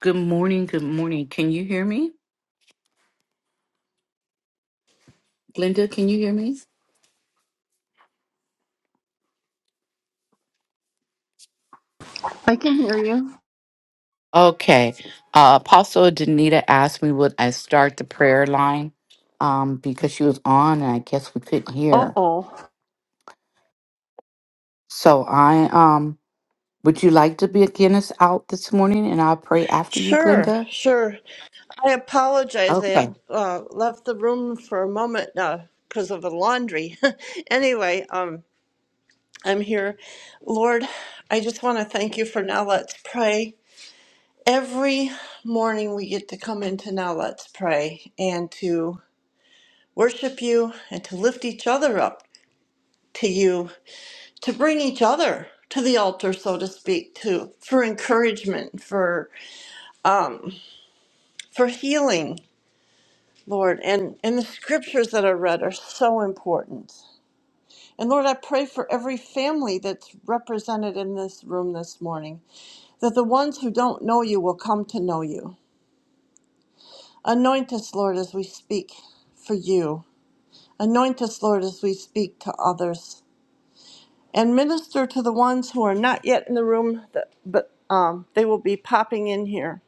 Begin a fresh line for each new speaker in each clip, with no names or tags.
Good morning. Good morning. Can you hear me? Glenda, can you hear me?
I can hear you.
Okay. Uh, Apostle Danita asked me would I start the prayer line um, because she was on and I guess we couldn't
Oh,
hear. So I um would you like to begin us out this morning and I'll pray after you,
Sure,
Glenda?
sure. I apologize. I
Okay.
had uh, left the room for a moment because of the laundry. anyway, um, I'm here. Lord, I just want to thank you for Now Let's Pray. Every morning we get to come into Now Let's Pray and to worship you and to lift each other up to you, to bring each other to the altar, so to speak, to for encouragement, for um, for healing, Lord, and, and the scriptures that are read are so important. And Lord, I pray for every family that's represented in this room this morning, that the ones who don't know you will come to know you. Anoint us, Lord, as we speak for you. Anoint us, Lord, as we speak to others. And minister to the ones who are not yet in the room, that, but um, they will be popping in here.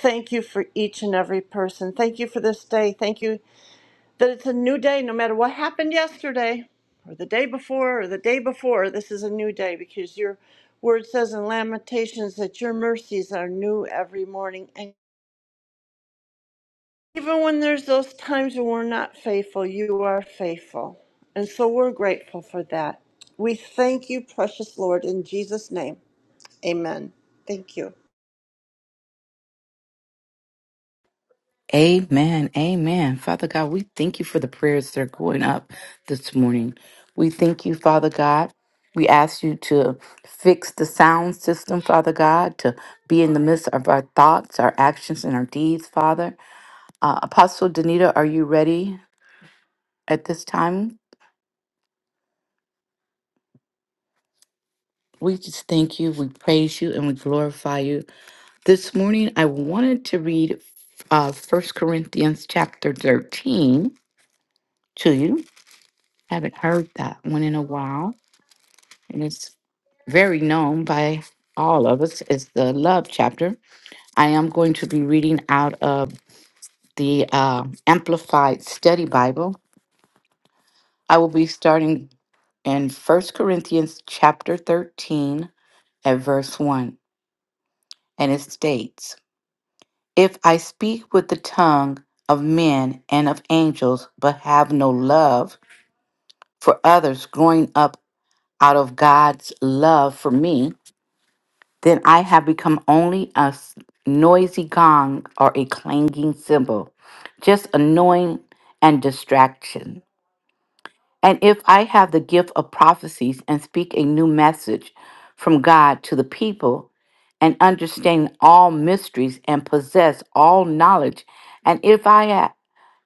Thank you for each and every person. Thank you for this day. Thank you that it's a new day no matter what happened yesterday or the day before or the day before this is a new day because your word says in lamentations that your mercies are new every morning and even when there's those times when we're not faithful you are faithful and so we're grateful for that we thank you precious lord in jesus name amen thank you
Amen. Amen. Father God, we thank you for the prayers that are going up this morning. We thank you, Father God. We ask you to fix the sound system, Father God, to be in the midst of our thoughts, our actions, and our deeds, Father. Uh, Apostle Danita, are you ready at this time? We just thank you, we praise you, and we glorify you. This morning, I wanted to read uh, 1 Corinthians chapter 13 to you. Haven't heard that one in a while. and it's very known by all of us, is the love chapter. I am going to be reading out of the uh, Amplified Study Bible. I will be starting in First Corinthians chapter 13 at verse 1, and it states, If I speak with the tongue of men and of angels, but have no love for others growing up out of God's love for me, Then I have become only a s- noisy gong or a clanging cymbal, just annoying and distraction. And if I have the gift of prophecies and speak a new message from God to the people, and understand all mysteries and possess all knowledge, and if I ha-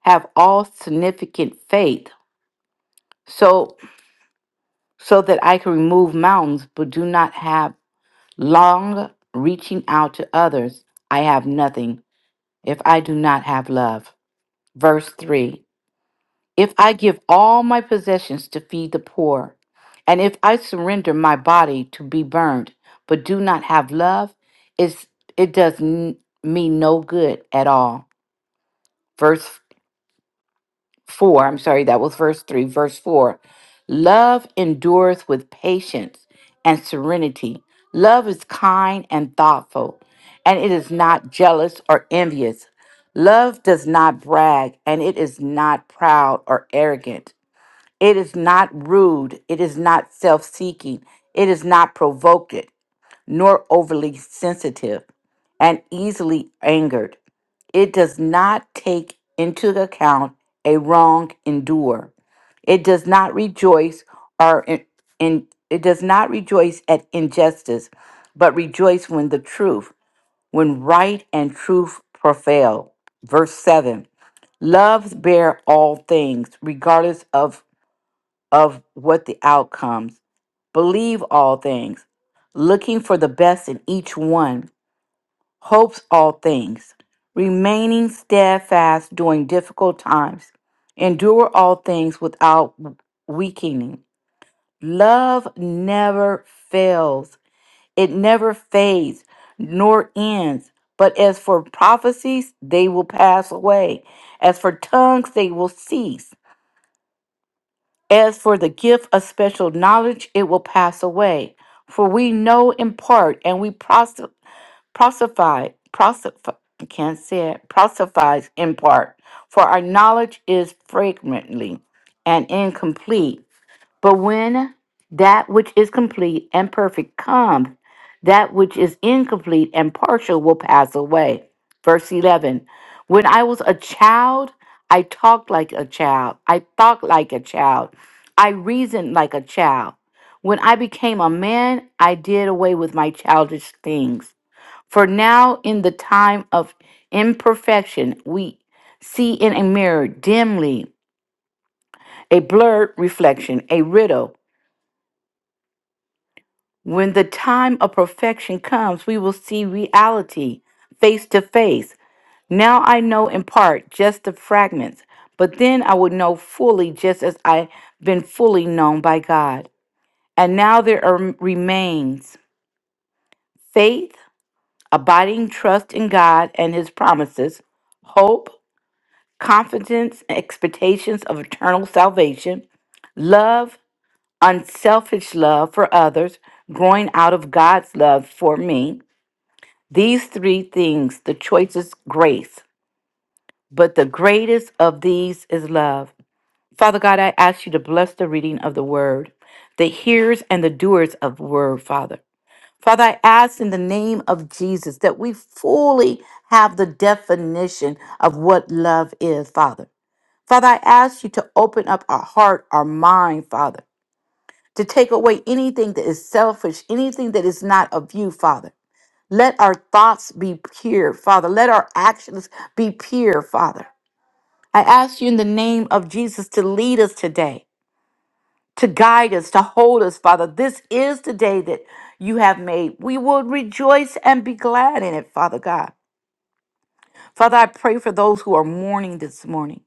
have all significant faith, so so that I can remove mountains, but do not have Long reaching out to others, I have nothing if I do not have love. Verse 3 If I give all my possessions to feed the poor, and if I surrender my body to be burned, but do not have love, it's, it does n- me no good at all. Verse 4, I'm sorry, that was verse 3, verse 4. Love endureth with patience and serenity. Love is kind and thoughtful, and it is not jealous or envious. Love does not brag, and it is not proud or arrogant. It is not rude. It is not self seeking. It is not provoked, nor overly sensitive and easily angered. It does not take into account a wrong endure. It does not rejoice or in, in- it does not rejoice at injustice, but rejoice when the truth, when right and truth prevail. Verse 7. Loves bear all things, regardless of, of what the outcomes. Believe all things, looking for the best in each one hopes all things, remaining steadfast during difficult times, endure all things without weakening. Love never fails, it never fades nor ends. But as for prophecies, they will pass away. As for tongues, they will cease. As for the gift of special knowledge, it will pass away. For we know in part and we prophesy Prosified, prosif- I can't say it, prosifies in part, for our knowledge is fragmentary and incomplete. But when that which is complete and perfect comes, that which is incomplete and partial will pass away. Verse 11 When I was a child, I talked like a child, I thought like a child, I reasoned like a child. When I became a man, I did away with my childish things. For now, in the time of imperfection, we see in a mirror dimly, a blurred reflection, a riddle. When the time of perfection comes, we will see reality face to face. Now I know in part just the fragments, but then I would know fully just as I've been fully known by God. And now there are, remains faith, abiding trust in God and his promises, hope, confidence and expectations of eternal salvation, love, unselfish love for others, growing out of God's love for me. These three things, the choice is grace, but the greatest of these is love. Father God, I ask you to bless the reading of the word, the hearers and the doers of the word, Father. Father, I ask in the name of Jesus that we fully have the definition of what love is, Father. Father, I ask you to open up our heart, our mind, Father, to take away anything that is selfish, anything that is not of you, Father. Let our thoughts be pure, Father. Let our actions be pure, Father. I ask you in the name of Jesus to lead us today, to guide us, to hold us, Father. This is the day that you have made. We will rejoice and be glad in it, Father God. Father, I pray for those who are mourning this morning,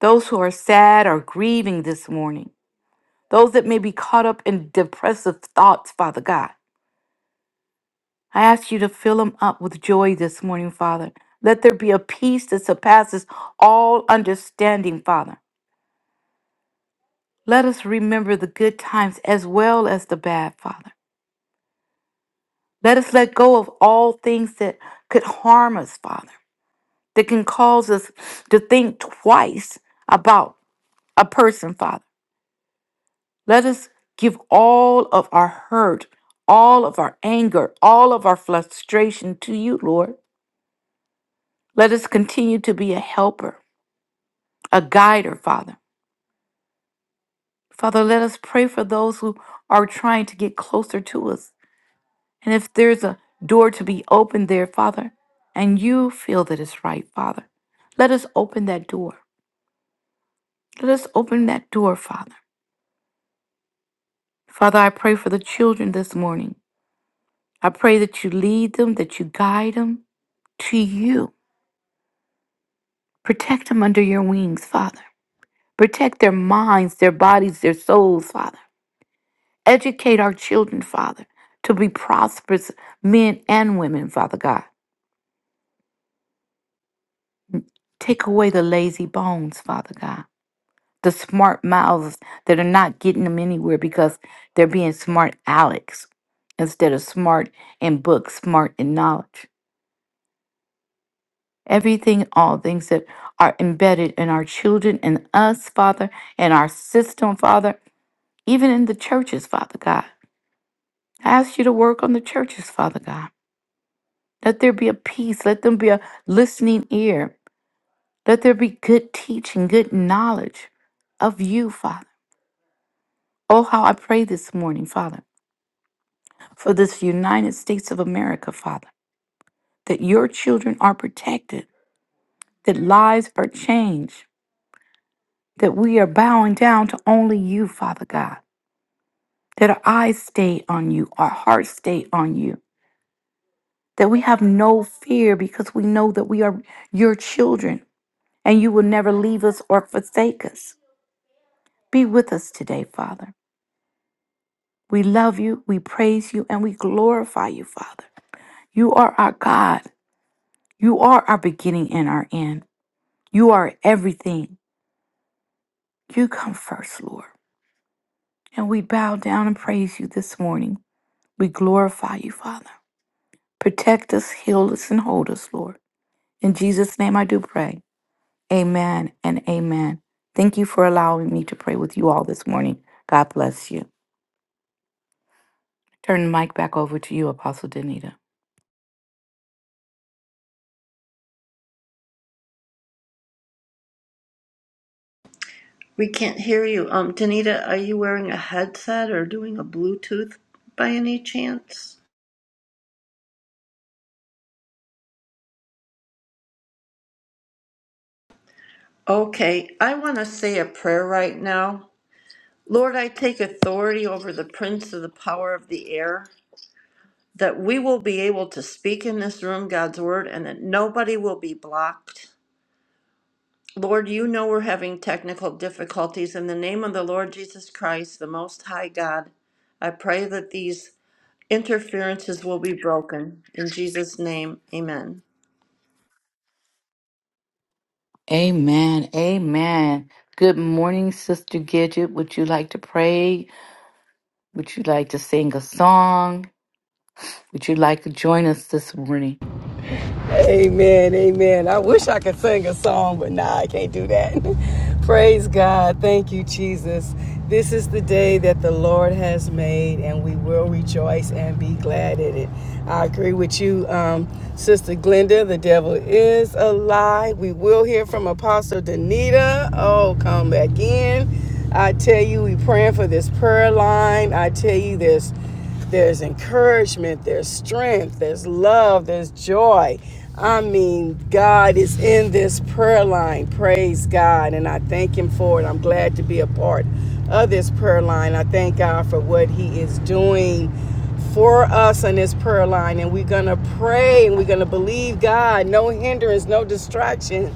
those who are sad or grieving this morning. those that may be caught up in depressive thoughts, Father God. I ask you to fill them up with joy this morning, Father. Let there be a peace that surpasses all understanding, Father. Let us remember the good times as well as the bad, Father. Let us let go of all things that could harm us, Father, that can cause us to think twice about a person, Father. Let us give all of our hurt, all of our anger, all of our frustration to you, Lord. Let us continue to be a helper, a guider, Father. Father, let us pray for those who are trying to get closer to us. And if there's a door to be opened there, Father, and you feel that it's right, Father, let us open that door. Let us open that door, Father. Father, I pray for the children this morning. I pray that you lead them, that you guide them to you Protect them under your wings, Father. Protect their minds, their bodies, their souls, Father. Educate our children, Father, to be prosperous men and women, Father God. Take away the lazy bones, Father God. The smart mouths that are not getting them anywhere because they're being smart Alex instead of smart in books, smart in knowledge. Everything, all things that are embedded in our children and us, Father, and our system, Father. even in the churches, Father God. I ask you to work on the churches, Father God. Let there be a peace. Let them be a listening ear. Let there be good teaching, good knowledge of you, Father. Oh, how I pray this morning, Father, for this United States of America, Father, that your children are protected, that lives are changed, that we are bowing down to only you, Father God, that our eyes stay on you, our hearts stay on you, that we have no fear because we know that we are your children and you will never leave us or forsake us. Be with us today, Father. We love you, we praise you, and we glorify you, Father. You are our God. You are our beginning and our end. You are everything. You come first, Lord. And we bow down and praise you this morning. We glorify you, Father. Protect us, heal us, and hold us, Lord. In Jesus' name I do pray. Amen and amen. Thank you for allowing me to pray with you all this morning. God bless you. Turn the mic back over to you, Apostle Danita.
we can't hear you um danita are you wearing a headset or doing a bluetooth by any chance Okay, I want to say a prayer right now. Lord, I take authority over the prince of the power of the air, that we will be able to speak in this room God's word and that nobody will be blocked. Lord, you know we're having technical difficulties. In the name of the Lord Jesus Christ, the Most High God, I pray that these interferences will be broken. In Jesus' name, amen.
Amen. Amen. Good morning, Sister Gidget. Would you like to pray? Would you like to sing a song? Would you like to join us this morning?
Amen, amen. I wish I could sing a song, but nah, I can't do that. Praise God. Thank you, Jesus. This is the day that the Lord has made, and we will rejoice and be glad in it. I agree with you, um, Sister Glenda. The devil is a lie. We will hear from Apostle Danita. Oh, come back in. I tell you, we praying for this prayer line. I tell you, this. There's encouragement, there's strength, there's love, there's joy. I mean, God is in this prayer line. Praise God. And I thank Him for it. I'm glad to be a part of this prayer line. I thank God for what He is doing for us on this prayer line. And we're going to pray and we're going to believe God. No hindrance, no distraction.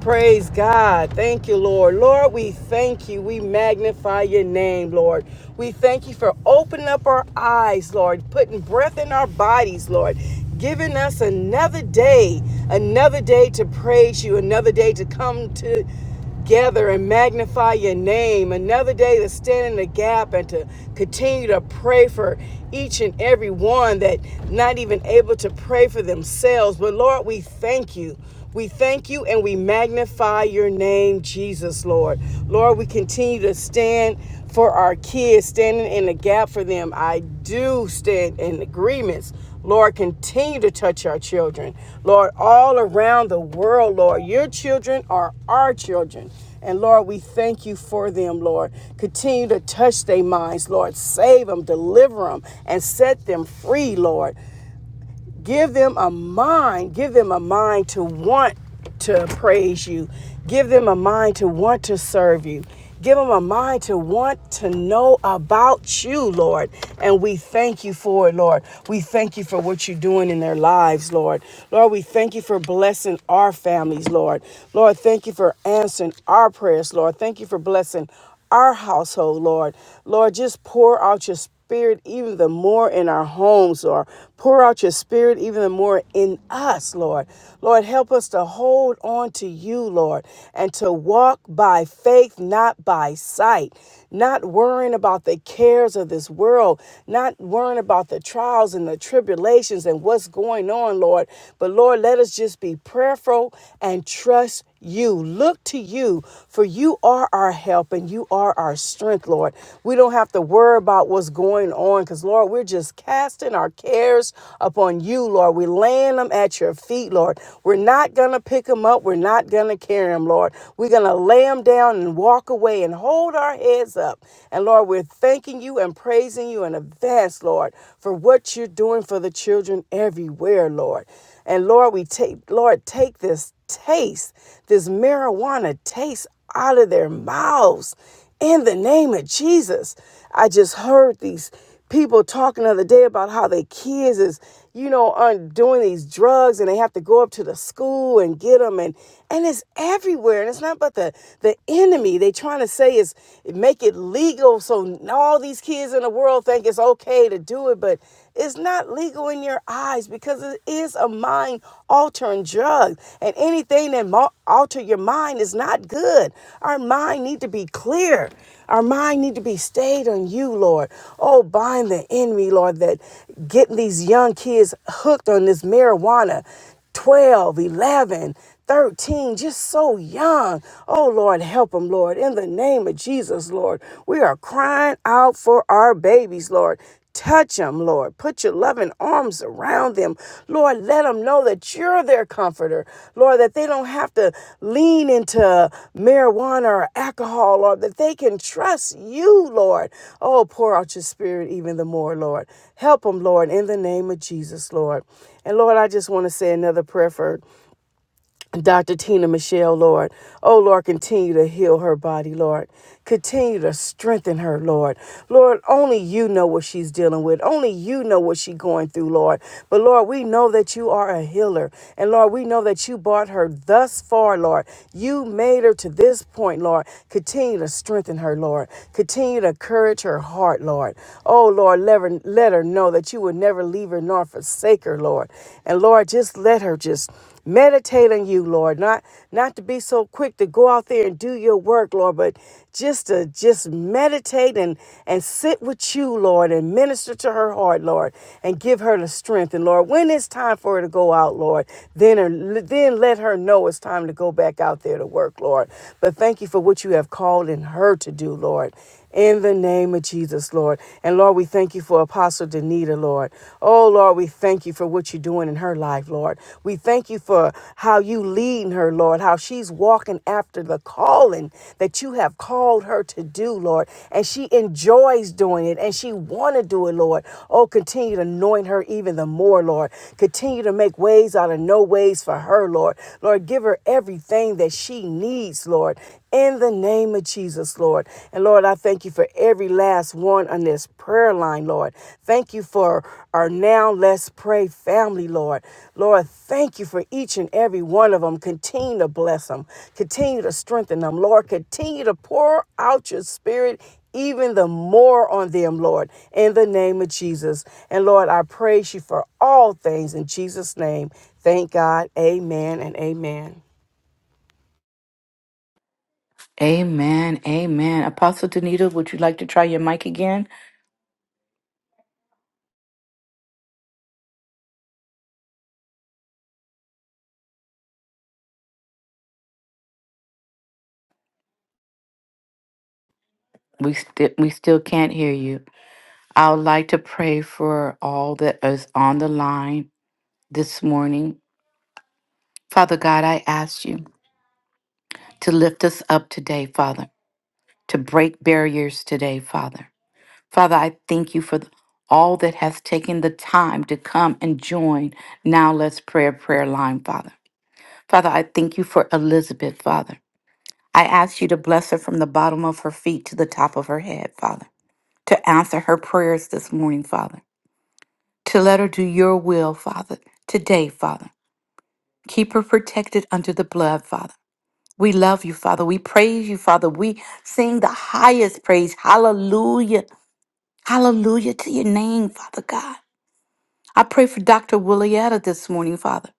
Praise God. Thank you, Lord. Lord, we thank you. We magnify your name, Lord. We thank you for opening up our eyes, Lord, putting breath in our bodies, Lord, giving us another day, another day to praise you, another day to come to gather and magnify your name. Another day to stand in the gap and to continue to pray for each and every one that not even able to pray for themselves. But Lord, we thank you. We thank you and we magnify your name, Jesus, Lord. Lord, we continue to stand for our kids, standing in the gap for them. I do stand in agreements. Lord, continue to touch our children. Lord, all around the world, Lord, your children are our children. And Lord, we thank you for them, Lord. Continue to touch their minds, Lord. Save them, deliver them, and set them free, Lord. Give them a mind, give them a mind to want to praise you. Give them a mind to want to serve you. Give them a mind to want to know about you, Lord. And we thank you for it, Lord. We thank you for what you're doing in their lives, Lord. Lord, we thank you for blessing our families, Lord. Lord, thank you for answering our prayers, Lord. Thank you for blessing our household, Lord. Lord, just pour out your spirit even the more in our homes, Lord. Pour out your spirit even the more in us, Lord. Lord, help us to hold on to you, Lord, and to walk by faith, not by sight. Not worrying about the cares of this world, not worrying about the trials and the tribulations and what's going on, Lord. But Lord, let us just be prayerful and trust you, look to you, for you are our help and you are our strength, Lord. We don't have to worry about what's going on because, Lord, we're just casting our cares upon you, Lord. We're laying them at your feet, Lord. We're not going to pick them up. We're not going to carry them, Lord. We're going to lay them down and walk away and hold our heads up. And, Lord, we're thanking you and praising you in advance, Lord, for what you're doing for the children everywhere, Lord. And Lord, we take, Lord, take this taste, this marijuana taste out of their mouths in the name of Jesus. I just heard these people talking the other day about how their kids is, you know, are doing these drugs and they have to go up to the school and get them and and it's everywhere and it's not but the the enemy they trying to say is make it legal so all these kids in the world think it's okay to do it but is not legal in your eyes because it is a mind altering drug and anything that mo- alter your mind is not good our mind need to be clear our mind need to be stayed on you lord oh bind the enemy lord that getting these young kids hooked on this marijuana Twelve, eleven, thirteen, just so young. Oh, Lord, help them, Lord. In the name of Jesus, Lord, we are crying out for our babies, Lord. Touch them, Lord. Put your loving arms around them. Lord, let them know that you're their comforter. Lord, that they don't have to lean into marijuana or alcohol, Lord, that they can trust you, Lord. Oh, pour out your spirit even the more, Lord. Help them, Lord, in the name of Jesus, Lord. And Lord, I just want to say another prayer for Dr. Tina Michelle, Lord. Oh, Lord, continue to heal her body, Lord. Continue to strengthen her, Lord. Lord, only you know what she's dealing with. Only you know what she's going through, Lord. But, Lord, we know that you are a healer. And, Lord, we know that you brought her thus far, Lord. You made her to this point, Lord. Continue to strengthen her, Lord. Continue to encourage her heart, Lord. Oh, Lord, let her, let her know that you would never leave her nor forsake her, Lord. And, Lord, just let her just meditate on you lord not not to be so quick to go out there and do your work lord but just to just meditate and and sit with you lord and minister to her heart lord and give her the strength and lord when it's time for her to go out lord then her, then let her know it's time to go back out there to work lord but thank you for what you have called in her to do lord in the name of Jesus, Lord. And Lord, we thank you for Apostle Danita, Lord. Oh, Lord, we thank you for what you're doing in her life, Lord. We thank you for how you leading her, Lord, how she's walking after the calling that you have called her to do, Lord. And she enjoys doing it and she want to do it, Lord. Oh, continue to anoint her even the more, Lord. Continue to make ways out of no ways for her, Lord. Lord, give her everything that she needs, Lord in the name of Jesus, Lord. And Lord, I thank you for every last one on this prayer line, Lord. Thank you for our Now Let's Pray family, Lord. Lord, thank you for each and every one of them. Continue to bless them, continue to strengthen them, Lord. Continue to pour out your spirit. Even the more on them, Lord, in the name of Jesus. And Lord, I praise you for all things in Jesus' name. Thank God. Amen and amen.
Amen. Amen. Apostle Danita, would you like to try your mic again? We st- we still can't hear you. I would like to pray for all that is on the line this morning Father God, I ask you to lift us up today, Father, to break barriers today, Father. Father, I thank you for all that has taken the time to come and join Now Let's Prayer prayer line, Father. Father, I thank you for Elizabeth, Father. I ask you to bless her from the bottom of her feet to the top of her head, Father, to answer her prayers this morning, Father, to let her do your will, Father, today, Father. Keep her protected under the blood, Father. We love you, Father. We praise you, Father. We sing the highest praise. Hallelujah. Hallelujah to your name, Father God. I pray for Dr. Willietta this morning, Father.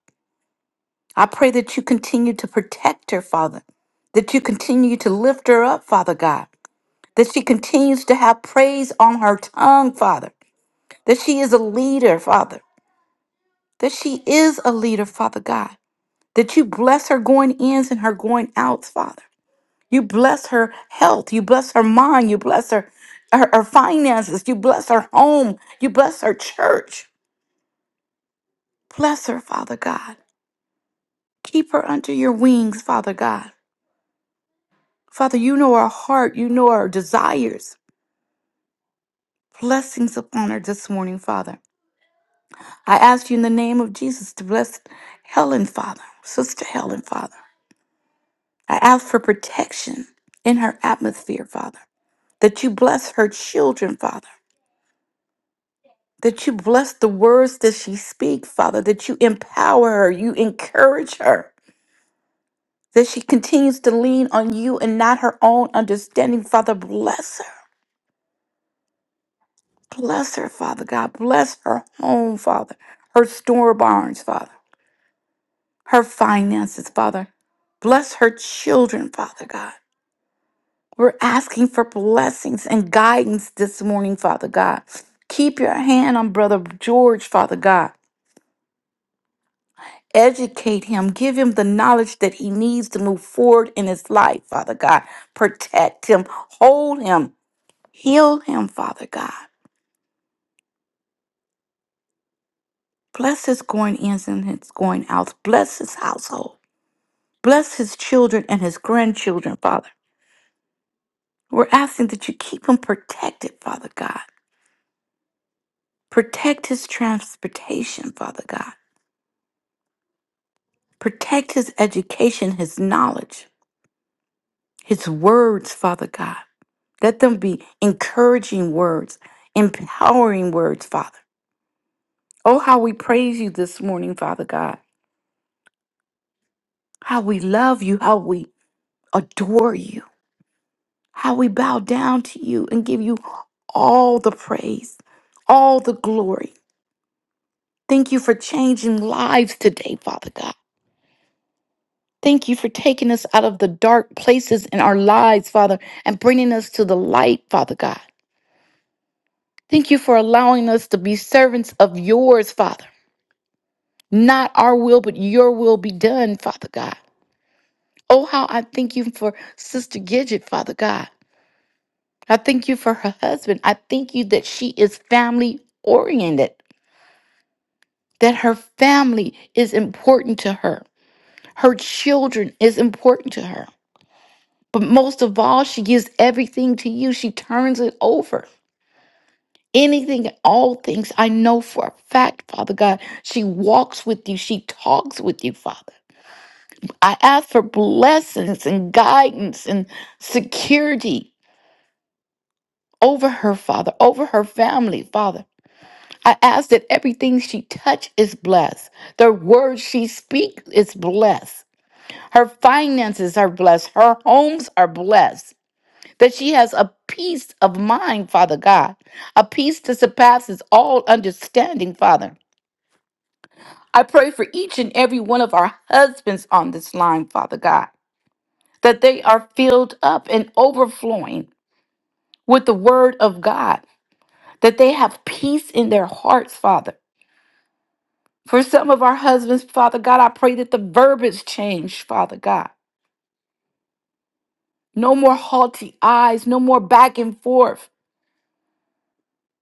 I pray that you continue to protect her, Father. That you continue to lift her up, Father God. That she continues to have praise on her tongue, Father. That she is a leader, Father. That she is a leader, Father God. That you bless her going ins and her going outs, Father. You bless her health. You bless her mind. You bless her, her, her finances. You bless her home. You bless her church. Bless her, Father God. Keep her under your wings, Father God. Father, you know her heart. You know her desires. Blessings upon her this morning, Father. I ask you in the name of Jesus to bless Helen, Father, Sister Helen, Father. I ask for protection in her atmosphere, Father, that you bless her children, Father. that you bless the words that she speaks, Father, that you empower her, you encourage her, that she continues to lean on you and not her own understanding. Father, bless her. Bless her, Father God. Bless her home, Father, her store barns, Father, her finances, Father. Bless her children, Father God. We're asking for blessings and guidance this morning, Father God. Keep your hand on Brother George, Father God. Educate him. Give him the knowledge that he needs to move forward in his life, Father God. Protect him. Hold him. Heal him, Father God. Bless his going ins and his going outs. Bless his household. Bless his children and his grandchildren, Father. We're asking that you keep him protected, Father God. Protect his transportation, Father God. Protect his education, his knowledge, his words, Father God. Let them be encouraging words, empowering words, Father. Oh, how we praise you this morning, Father God. How we love you, how we adore you, how we bow down to you and give you all the praise, all the glory. Thank you for changing lives today, Father God. Thank you for taking us out of the dark places in our lives, Father, and bringing us to the light, Father God. Thank you for allowing us to be servants of yours, Father. Not our will, but your will be done, Father God. Oh, how I thank you for Sister Gidget, Father God. I thank you for her husband. I thank you that she is family oriented, that her family is important to her, her children is important to her. But most of all, she gives everything to you, she turns it over. Anything and all things, I know for a fact, Father God, she walks with you, she talks with you, Father. I ask for blessings and guidance and security over her, Father, over her family, Father. I ask that everything she touch is blessed. The words she speaks is blessed. Her finances are blessed. Her homes are blessed. That she has a peace of mind, Father God, a peace that surpasses all understanding, Father. I pray for each and every one of our husbands on this line, Father God that they are filled up and overflowing with the word of God, that they have peace in their hearts, Father. For some of our husbands, Father God, I pray that the verbiage change, Father God. No more haughty eyes, no more back and forth,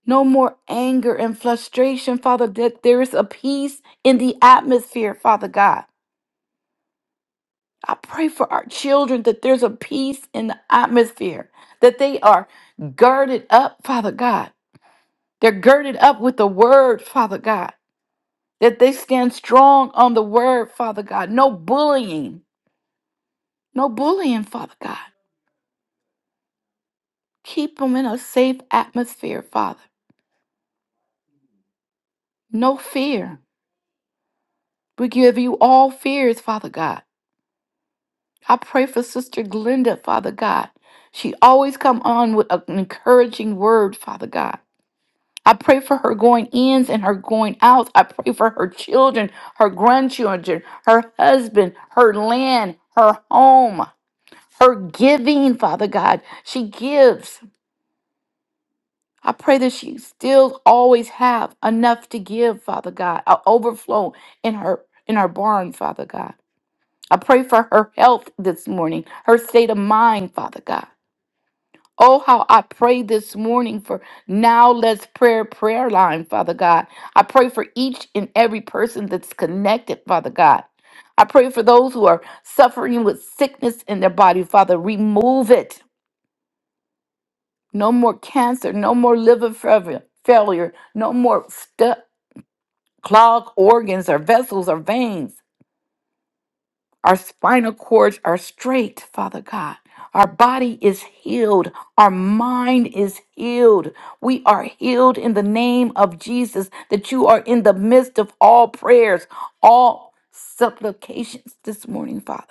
no more anger and frustration, Father, that there is a peace in the atmosphere, Father God. I pray for our children that there's a peace in the atmosphere, that they are girded up, Father God. They're girded up with the word, Father God. that they stand strong on the word, Father God. No bullying, no bullying, Father God. Keep them in a safe atmosphere, Father. No fear. We give you all fears, Father God. I pray for Sister Glenda, Father God. She always come on with an encouraging word, Father God. I pray for her going ins and her going outs. I pray for her children, her grandchildren, her husband, her land, her home. her giving, Father God. She gives. I pray that she still always have enough to give, Father God, a overflow in her in her barn, Father God. I pray for her health this morning, her state of mind, Father God. Oh, how I pray this morning for now let's prayer prayer line, Father God. I pray for each and every person that's connected, Father God. I pray for those who are suffering with sickness in their body, Father. Remove it. no more cancer, no more liver failure, failure no more stu- clogged organs or vessels or veins. Our spinal cords are straight, Father God. Our body is healed. Our mind is healed. We are healed in the name of Jesus, that you are in the midst of all prayers, all supplications this morning, Father.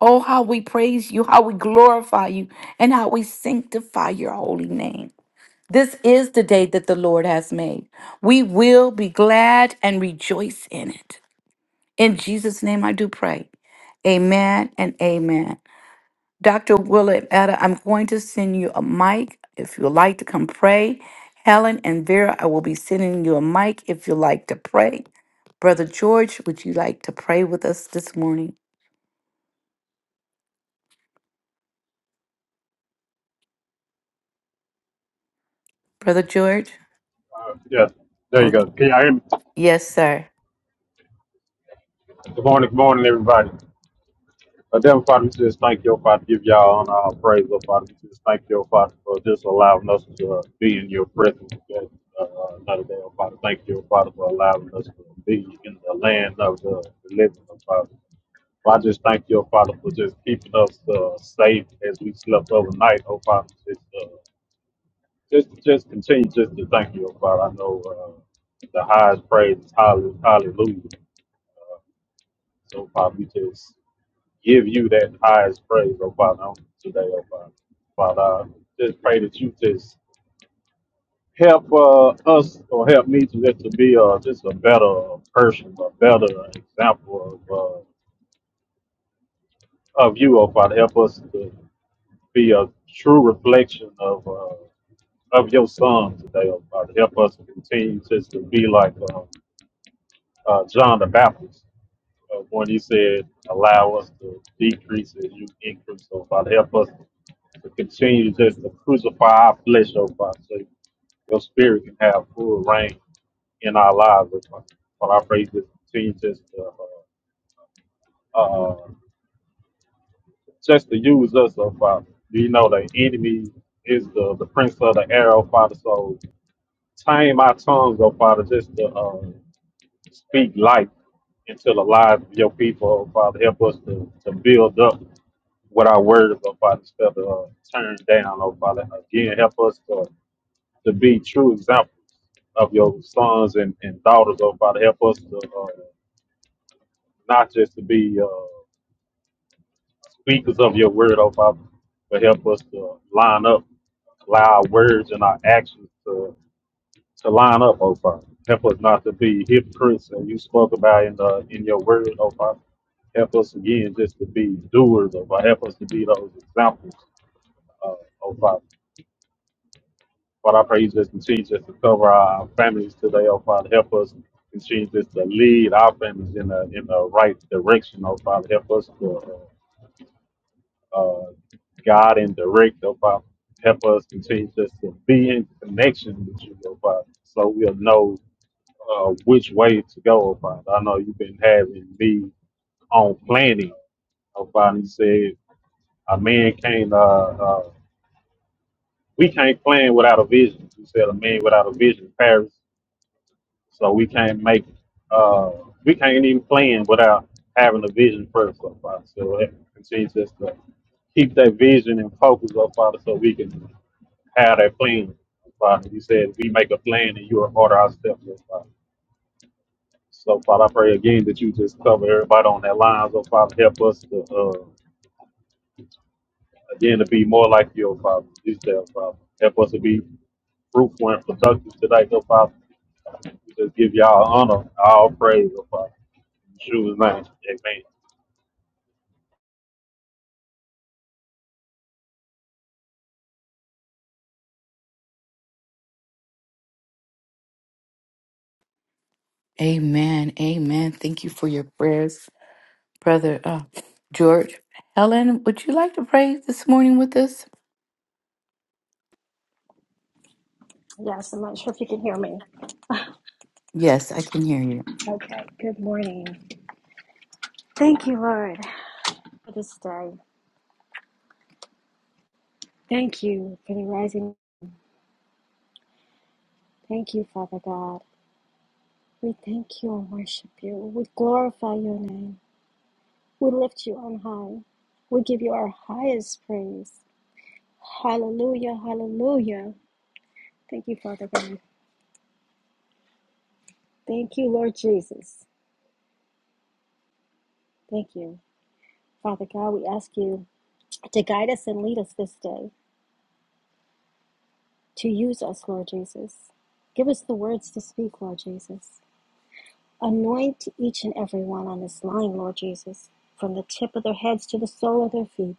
Oh, how we praise you, how we glorify you, and how we sanctify your holy name. This is the day that the Lord has made. We will be glad and rejoice in it. In Jesus' name, I do pray. Amen and amen. Dr. Willard Etta, I'm going to send you a mic if you'd like to come pray. Helen and Vera, I will be sending you a mic if you'd like to pray. Brother George, would you like to pray with us this morning? Brother George?
Yes, there you go.
Okay.
Can y'all hear me?
Yes, sir.
Good morning, good morning, everybody. Uh, Heavenly Father, we just thank you, oh Father, give y'all honor, all praise, Lord Father. We just thank you, oh Father, for just allowing us to uh, be in your presence today, uh, another day, oh Father. Thank you, oh Father, for allowing us to be in the land of the living, oh Father. Well, I just thank you, oh Father, for just keeping us uh, safe as we slept overnight, oh Father. Just, uh, just, just continue just to thank you, oh Father. I know uh, the highest praise is hallelujah. hallelujah So, Father, we just give you that highest praise, oh Father, on today, oh Father. Father, I just pray that you just help uh, us or help me to just to be uh, just a better person, a better example of uh, of you, oh Father. Help us to be a true reflection of uh, of your Son today, oh Father. Help us to continue just to be like uh, uh, John the Baptist uh, when he said, "Allow us to decrease as you increase." So, Father, help us to continue to crucify our flesh, oh Father, so your spirit can have full reign in our lives, oh Father. But I pray you to continue just to, uh, uh, just to use us, oh Father. We know the enemy is the, the prince of the air, oh Father, so tame our tongues, oh Father, just to uh, speak life into the lives of your people, oh Father. Help us to, to build up with our words, oh Father, instead of uh, turn down, oh Father. Again, help us to to be true examples of your sons and, and daughters, oh Father. Help us to uh, not just to be uh, speakers of your word, oh Father, but help us to line up, allow our words and our actions to, to line up, oh Father. Help us not to be hypocrites and you spoke about in, the, in your word, oh Father. Help us again just to be doers, oh Father. Help us to be those examples, uh, oh Father. But I pray you just continue just to cover our families today, oh Father. Help us continue just to lead our families in the in the right direction, oh Father. Help us to uh, guide and direct, oh Father. Help us continue just to be in connection with you, oh Father, so we'll know uh, which way to go, oh Father. I know you've been having me on planning, oh Father. You said a man can't, uh, uh, we can't plan without a vision. You said a man without a vision perishes So we can't make uh we can't even plan without having a vision first, so Father. So it continues just to keep that vision and focus, oh Father, so we can have that plan. Father, you said we make a plan and you will order our steps, oh Father. So Father, I pray again that you just cover everybody on that line, oh Father. Help us to uh again to be more like you, oh Father. You said, oh, Father. Help us to be fruitful and productive today, oh Father. We just give y'all honor, all praise, oh Father. In Yeshua's name. Amen.
Amen. Amen. Thank you for your prayers. Brother uh, George, Helen, would you like to pray this morning with us?
Yes, I'm not sure if you can hear me.
Yes, I can hear you.
Okay, good morning. Thank you, Lord, for this day. Thank you for the rising. Thank you, Father God. We thank you and worship you. We glorify your name. We lift you on high. We give you our highest praise. Hallelujah, hallelujah. Thank you, Father God. Thank you, Lord Jesus. Thank you. Father God, we ask you to guide us and lead us this day, to use us, Lord Jesus. Give us the words to speak, Lord Jesus. Anoint each and every one on this line, Lord Jesus, from the tip of their heads to the sole of their feet.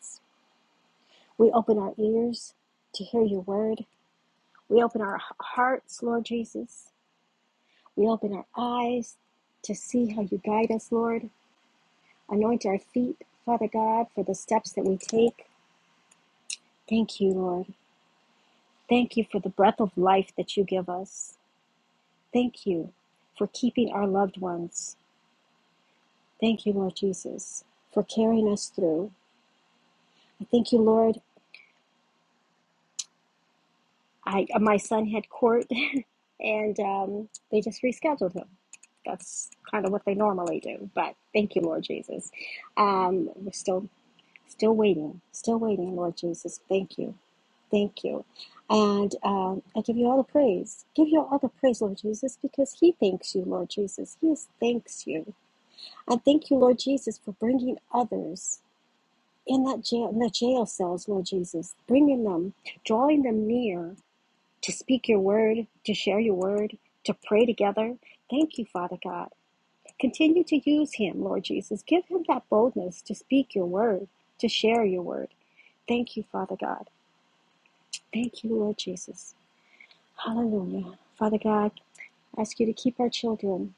We open our ears to hear your word. We open our hearts, Lord Jesus. We open our eyes to see how you guide us, Lord. Anoint our feet, Father God, for the steps that we take. Thank you, Lord. Thank you for the breath of life that you give us. Thank you for keeping our loved ones. Thank you, Lord Jesus, for carrying us through. I thank you, Lord, I my son had court, and um, they just rescheduled him. That's kind of what they normally do. But thank you, Lord Jesus. Um, we're still still waiting, still waiting, Lord Jesus. Thank you, thank you, and um, I give you all the praise. Give you all the praise, Lord Jesus, because He thanks you, Lord Jesus. He is thanks you, and thank you, Lord Jesus, for bringing others in that jail, in the jail cells, Lord Jesus, bringing them, drawing them near to speak your word, to share your word, to pray together. Thank you, Father God. Continue to use him, Lord Jesus. Give him that boldness to speak your word, to share your word. Thank you, Father God. Thank you, Lord Jesus. Hallelujah. Father God, I ask you to keep our children,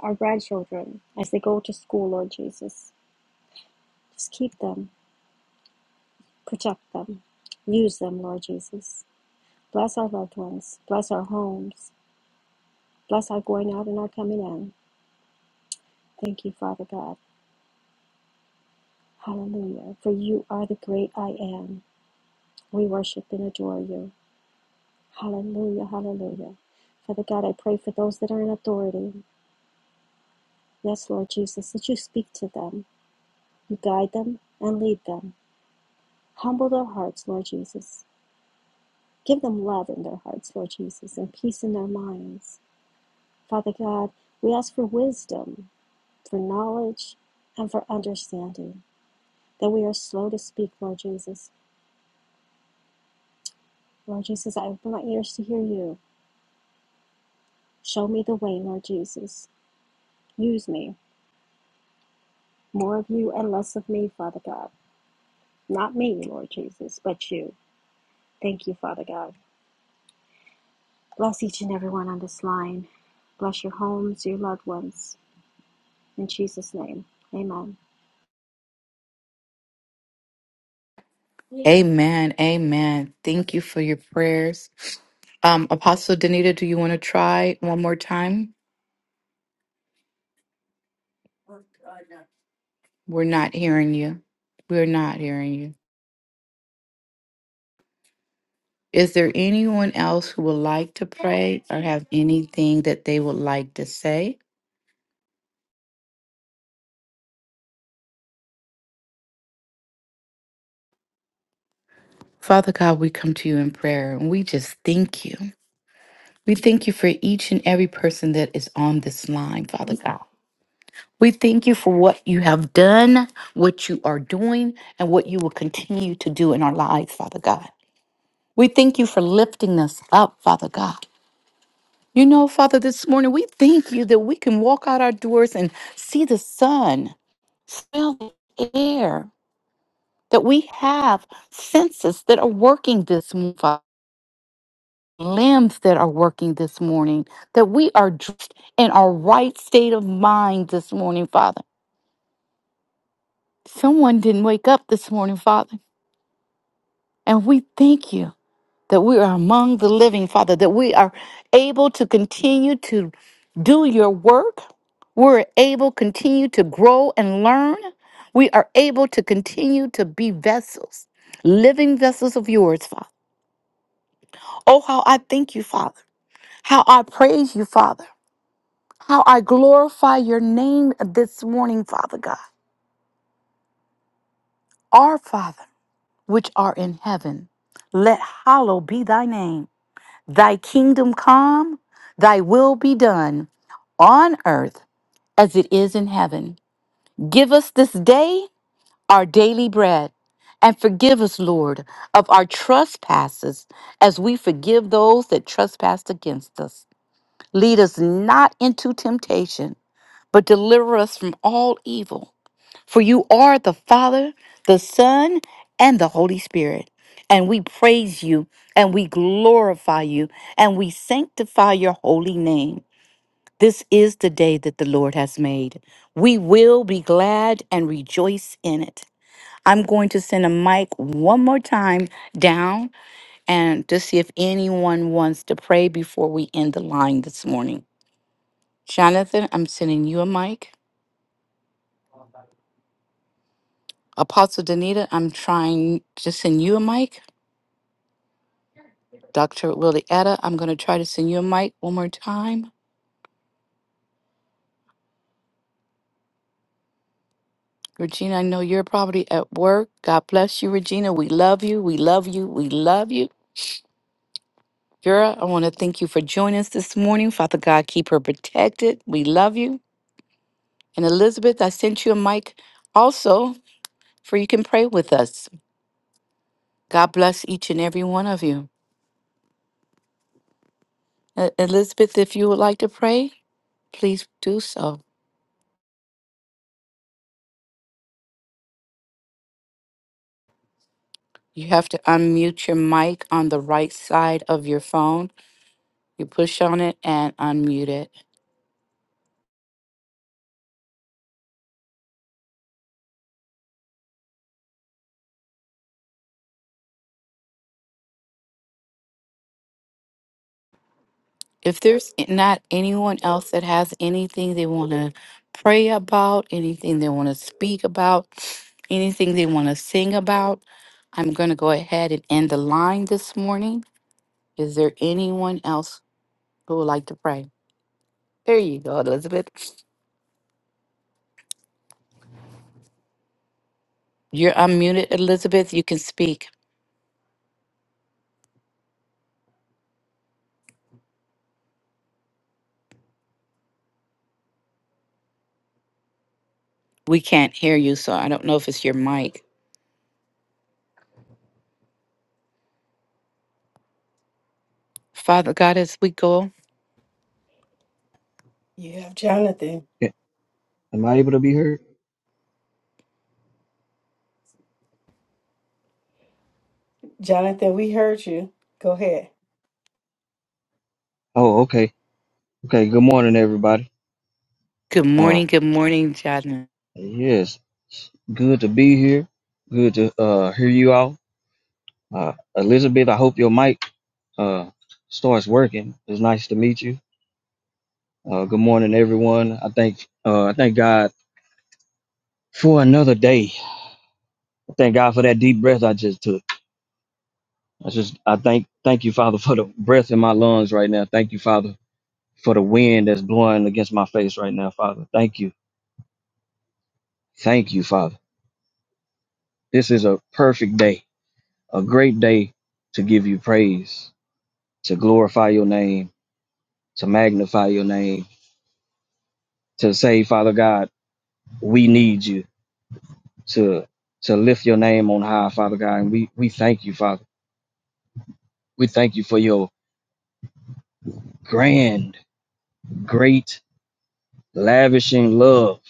our grandchildren, as they go to school, Lord Jesus. Just keep them, protect them, use them, Lord Jesus. Bless our loved ones, bless our homes, bless our going out and our coming in. Thank you, Father God. Hallelujah. For you are the great I am. We worship and adore you. Hallelujah. Hallelujah. Father God, I pray for those that are in authority. Yes, Lord Jesus, that you speak to them, you guide them and lead them. Humble their hearts, Lord Jesus. Give them love in their hearts, Lord Jesus, and peace in their minds. Father God, we ask for wisdom, for knowledge, and for understanding, that we are slow to speak, Lord Jesus. Lord Jesus, I open my ears to hear you Show me the way, Lord Jesus. Use me. More of you and less of me, Father God. Not me, Lord Jesus, but you. Thank you, Father God. Bless each and everyone on this line. Bless your homes, your loved ones. In Jesus' name, amen.
Amen. Amen. Thank you for your prayers. Um, Apostle Danita, do you want to try one more time? We're not hearing you. We're not hearing you. Is there anyone else who would like to pray or have anything that they would like to say? Father God, we come to you in prayer and we just thank you. We thank you for each and every person that is on this line, Father God. We thank you for what you have done, what you are doing, and what you will continue to do in our lives, Father God. We thank you for lifting us up, Father God. You know, Father, this morning we thank you that we can walk out our doors and see the sun, smell the air, that we have senses that are working this morning, limbs that are working this morning, that we are dressed in our right state of mind this morning, Father. Someone didn't wake up this morning, Father. And we thank you that we are among the living, Father, that we are able to continue to do your work. We're able to continue to grow and learn. We are able to continue to be vessels, living vessels of yours, Father. Oh, how I thank you, Father. How I praise you, Father. How I glorify your name this morning, Father God. Our Father, which are in heaven, let hallow be thy name. Thy kingdom come, thy will be done on earth as it is in heaven. Give us this day our daily bread, and forgive us, Lord, of our trespasses as we forgive those that trespass against us. Lead us not into temptation, but deliver us from all evil. For you are the Father, the Son, and the Holy Spirit. And we praise you, and we glorify you, and we sanctify your holy name. This is the day that the Lord has made. We will be glad and rejoice in it. I'm going to send a mic one more time down and to see if anyone wants to pray before we end the line this morning. Jonathan, I'm sending you a mic. Apostle Danita, I'm trying to send you a mic. Dr. Lilietta, I'm going to try to send you a mic one more time. Regina, I know you're probably at work. God bless you, Regina. We love you. We love you. We love you. Vera, I want to thank you for joining us this morning. Father God, keep her protected. We love you. And Elizabeth, I sent you a mic also for you can pray with us. God bless each and every one of you. E- Elizabeth, if you would like to pray, please do so. You have to unmute your mic on the right side of your phone You push on it and unmute it. If there's not anyone else that has anything they want to pray about, anything they want to speak about, anything they want to sing about, I'm going to go ahead and end the line this morning. Is there anyone else who would like to pray? There you go, Elizabeth. You're unmuted, Elizabeth. You can speak. We can't hear you, so I don't know if it's your mic. Father God, as we go,
You have Jonathan.
Yeah, Am I able to be heard?
Jonathan, we heard you. Go ahead.
Oh, okay. Okay. Good morning, everybody.
good
Uh,
morning, good morning, Jonathan.
yes, good to be here. Good to uh hear you all. Uh, Elizabeth, I hope your mic uh starts working. It's nice to meet you. Uh, good morning, everyone. I thank uh I thank God for another day. I thank God for that deep breath I just took. I just I thank thank you, Father, for the breath in my lungs right now. Thank you, Father, for the wind that's blowing against my face right now, Father. Thank you. Thank you, Father. This is a perfect day a great day to give you praise, to glorify your name, to magnify your name, to say, Father God, we need you to to lift your name on high, Father God. And we, we thank you, Father. We thank you for your grand, great, lavishing love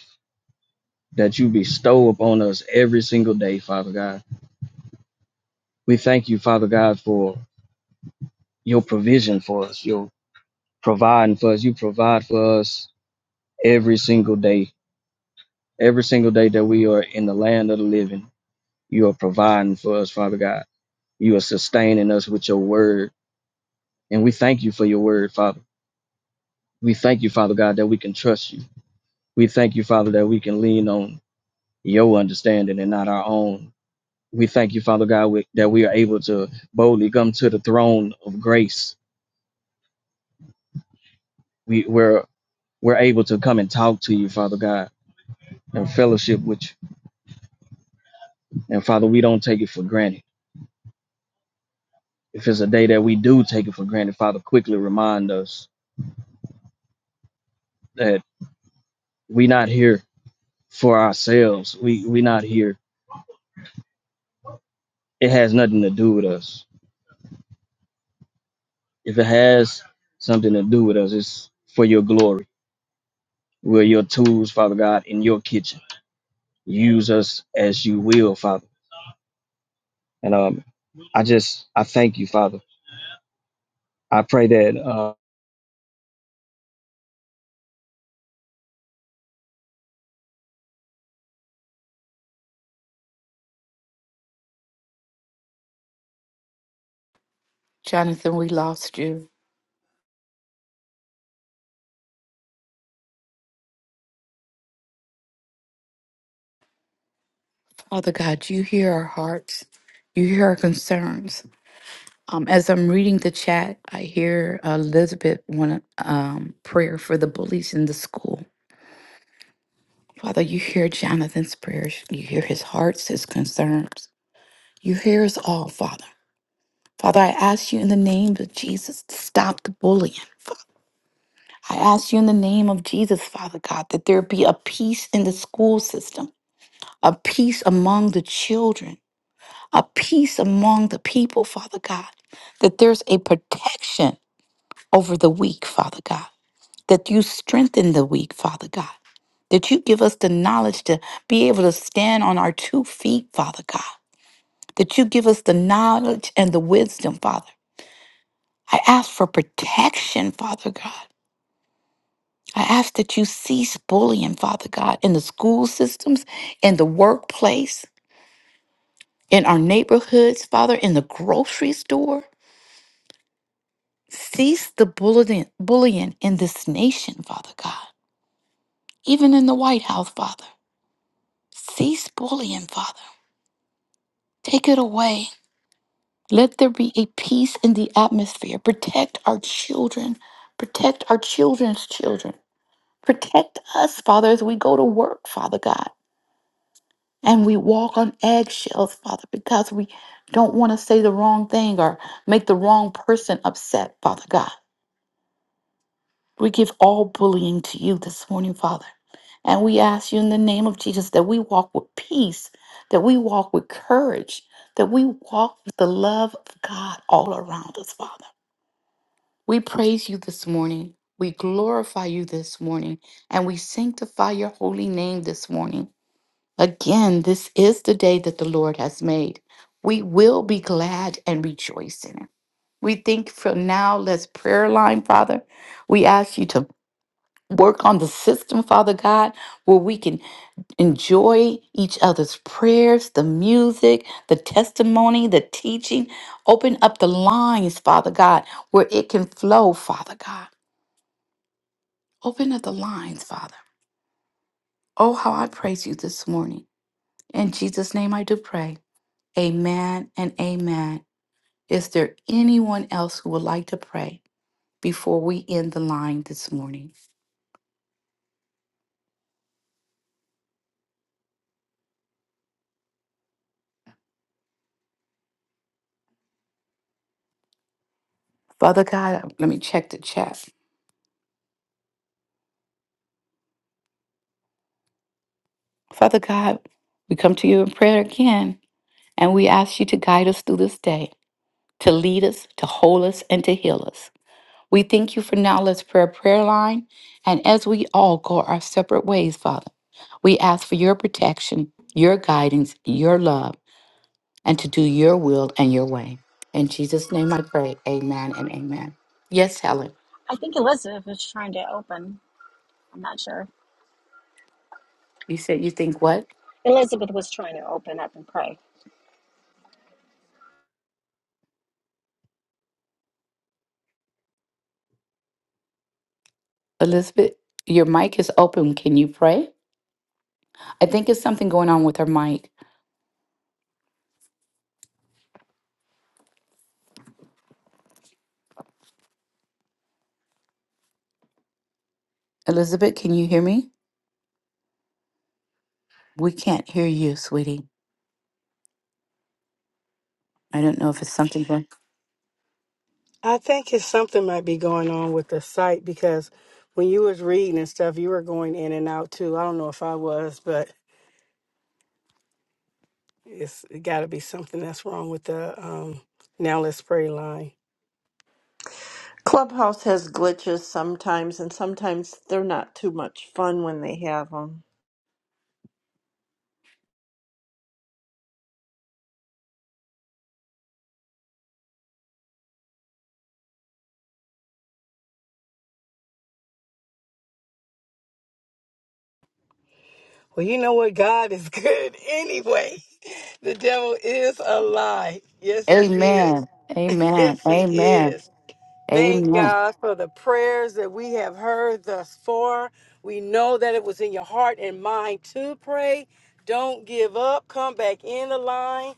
that you bestow upon us every single day, Father God. We thank you, Father God, for your provision for us, your providing for us. You provide for us every single day Every single day that we are in the land of the living, you are providing for us, Father God. You are sustaining us with your word. And we thank you for your word, Father. We thank you, Father God, that we can trust you. We thank you, Father, that we can lean on your understanding and not our own. We thank you, Father God, we- that we are able to boldly come to the throne of grace. We, we're, we're able to come and talk to you, Father God, and fellowship with you. And Father, we don't take it for granted. If it's a day that we do take it for granted, Father, quickly remind us that we not here for ourselves. We we not here. It has nothing to do with us. If it has something to do with us, it's for your glory. We're your tools, Father God, in your kitchen. Use us as you will, Father. And um, I just I thank you, Father. I pray that uh,
Jonathan, we lost you. Father God, you hear our hearts, you hear our concerns. Um, as I'm reading the chat, I hear Elizabeth want um, prayer for the bullies in the school. Father, you hear Jonathan's prayers, you hear his hearts, his concerns. You hear us all, Father. Father, I ask you in the name of Jesus to stop the bullying. Father. I ask you in the name of Jesus, Father God, that there be a peace in the school system, a peace among the children a peace among the people, Father God, that there's a protection over the weak, Father God, that you strengthen the weak, Father God, that you give us the knowledge to be able to stand on our two feet, Father God, that you give us the knowledge and the wisdom, Father. I ask for protection, Father God. I ask that you cease bullying, Father God, in the school systems, in the workplace, in our neighborhoods, Father, in the grocery store. Cease the bullying, bullying in this nation, Father God, even in the White House, Father. Cease bullying, Father. Take it away. Let there be a peace in the atmosphere. Protect our children. Protect our children's children. Protect us, Father, as we go to work, Father God. And we walk on eggshells, Father, because we don't want to say the wrong thing or make the wrong person upset, Father God. We give all bullying to you this morning, Father. And we ask you in the name of Jesus that we walk with peace, that we walk with courage, that we walk with the love of God all around us, Father. We praise you this morning. We glorify you this morning. And we sanctify your holy name this morning. Again, this is the day that the Lord has made. We will be glad and rejoice in it. We think from now, let's prayer line, Father. We ask you to work on the system, Father God, where we can Enjoy each other's prayers, the music, the testimony, the teaching. Open up the lines, Father God, where it can flow, Father God. Open up the lines, Father. Oh, how I praise you this morning. In Jesus' name I do pray. Amen and amen. Is there anyone else who would like to pray before we end the line this morning? Father God, let me check the chat. Father God, we come to you in prayer again, and we ask you to guide us through this day. to lead us, to hold us, and to heal us. We thank you for now. Let's pray a prayer line. And as we all go our separate ways, Father, we ask for your protection, your guidance, your love, and to do your will and your way. In Jesus' name I pray. Amen and amen. Yes, Helen.
I think Elizabeth was trying to open. I'm not sure.
You said you think what?
Elizabeth was trying to open up and pray.
Elizabeth, your mic is open. Can you pray? I think it's something going on with her mic. Elizabeth, can you hear me? We can't hear you, sweetie. I don't know if it's something.
I think it's something might be going on with the site because when you was reading and stuff, you were going in and out too. I don't know if I was, but it's it got to be something that's wrong with the um, now let's pray line.
Clubhouse has glitches sometimes, and sometimes they're not too much fun when they have them.
Well, you know what? God is good anyway. The devil is a lie. Yes, he is.
Amen. Amen.
Yes, he
Amen.
is. Thank
Amen.
God for the prayers that we have heard thus far. We know that it was in your heart and mind to pray. Don't give up. Come back in the line,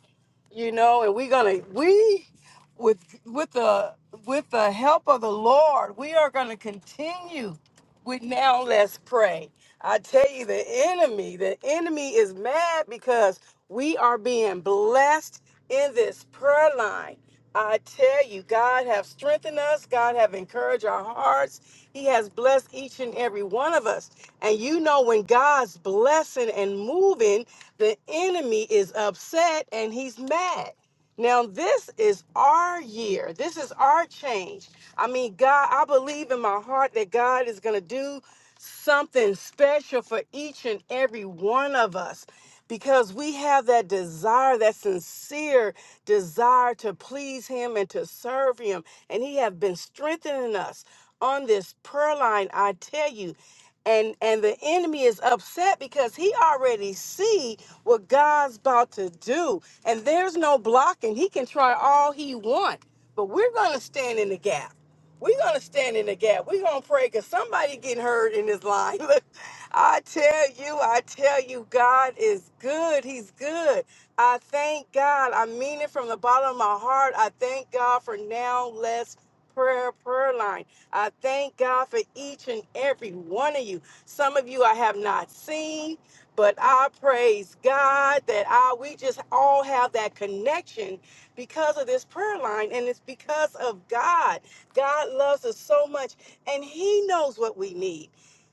you know. And we're gonna we with with the with the help of the Lord, we are gonna continue. We now let's pray. I tell you, the enemy, the enemy is mad because we are being blessed in this prayer line. I tell you, God have strengthened us. God have encouraged our hearts. He has blessed each and every one of us. And you know, when God's blessing and moving, the enemy is upset and he's mad. Now, this is our year. This is our change. I mean, God, I believe in my heart that God is going to do something special for each and every one of us because we have that desire, that sincere desire to please Him and to serve Him. And He has been strengthening us on this prayer line, I tell you and and the enemy is upset because he already see what god's about to do and there's no blocking he can try all he want but we're gonna stand in the gap we're gonna stand in the gap we're gonna pray because somebody getting hurt in this line look i tell you i tell you god is good he's good i thank god i mean it from the bottom of my heart i thank god for now Let's prayer prayer line I thank God for each and every one of you. Some of you I have not seen, but I praise God that I we just all have that connection because of this prayer line and it's because of God. God loves us so much and he knows what we need.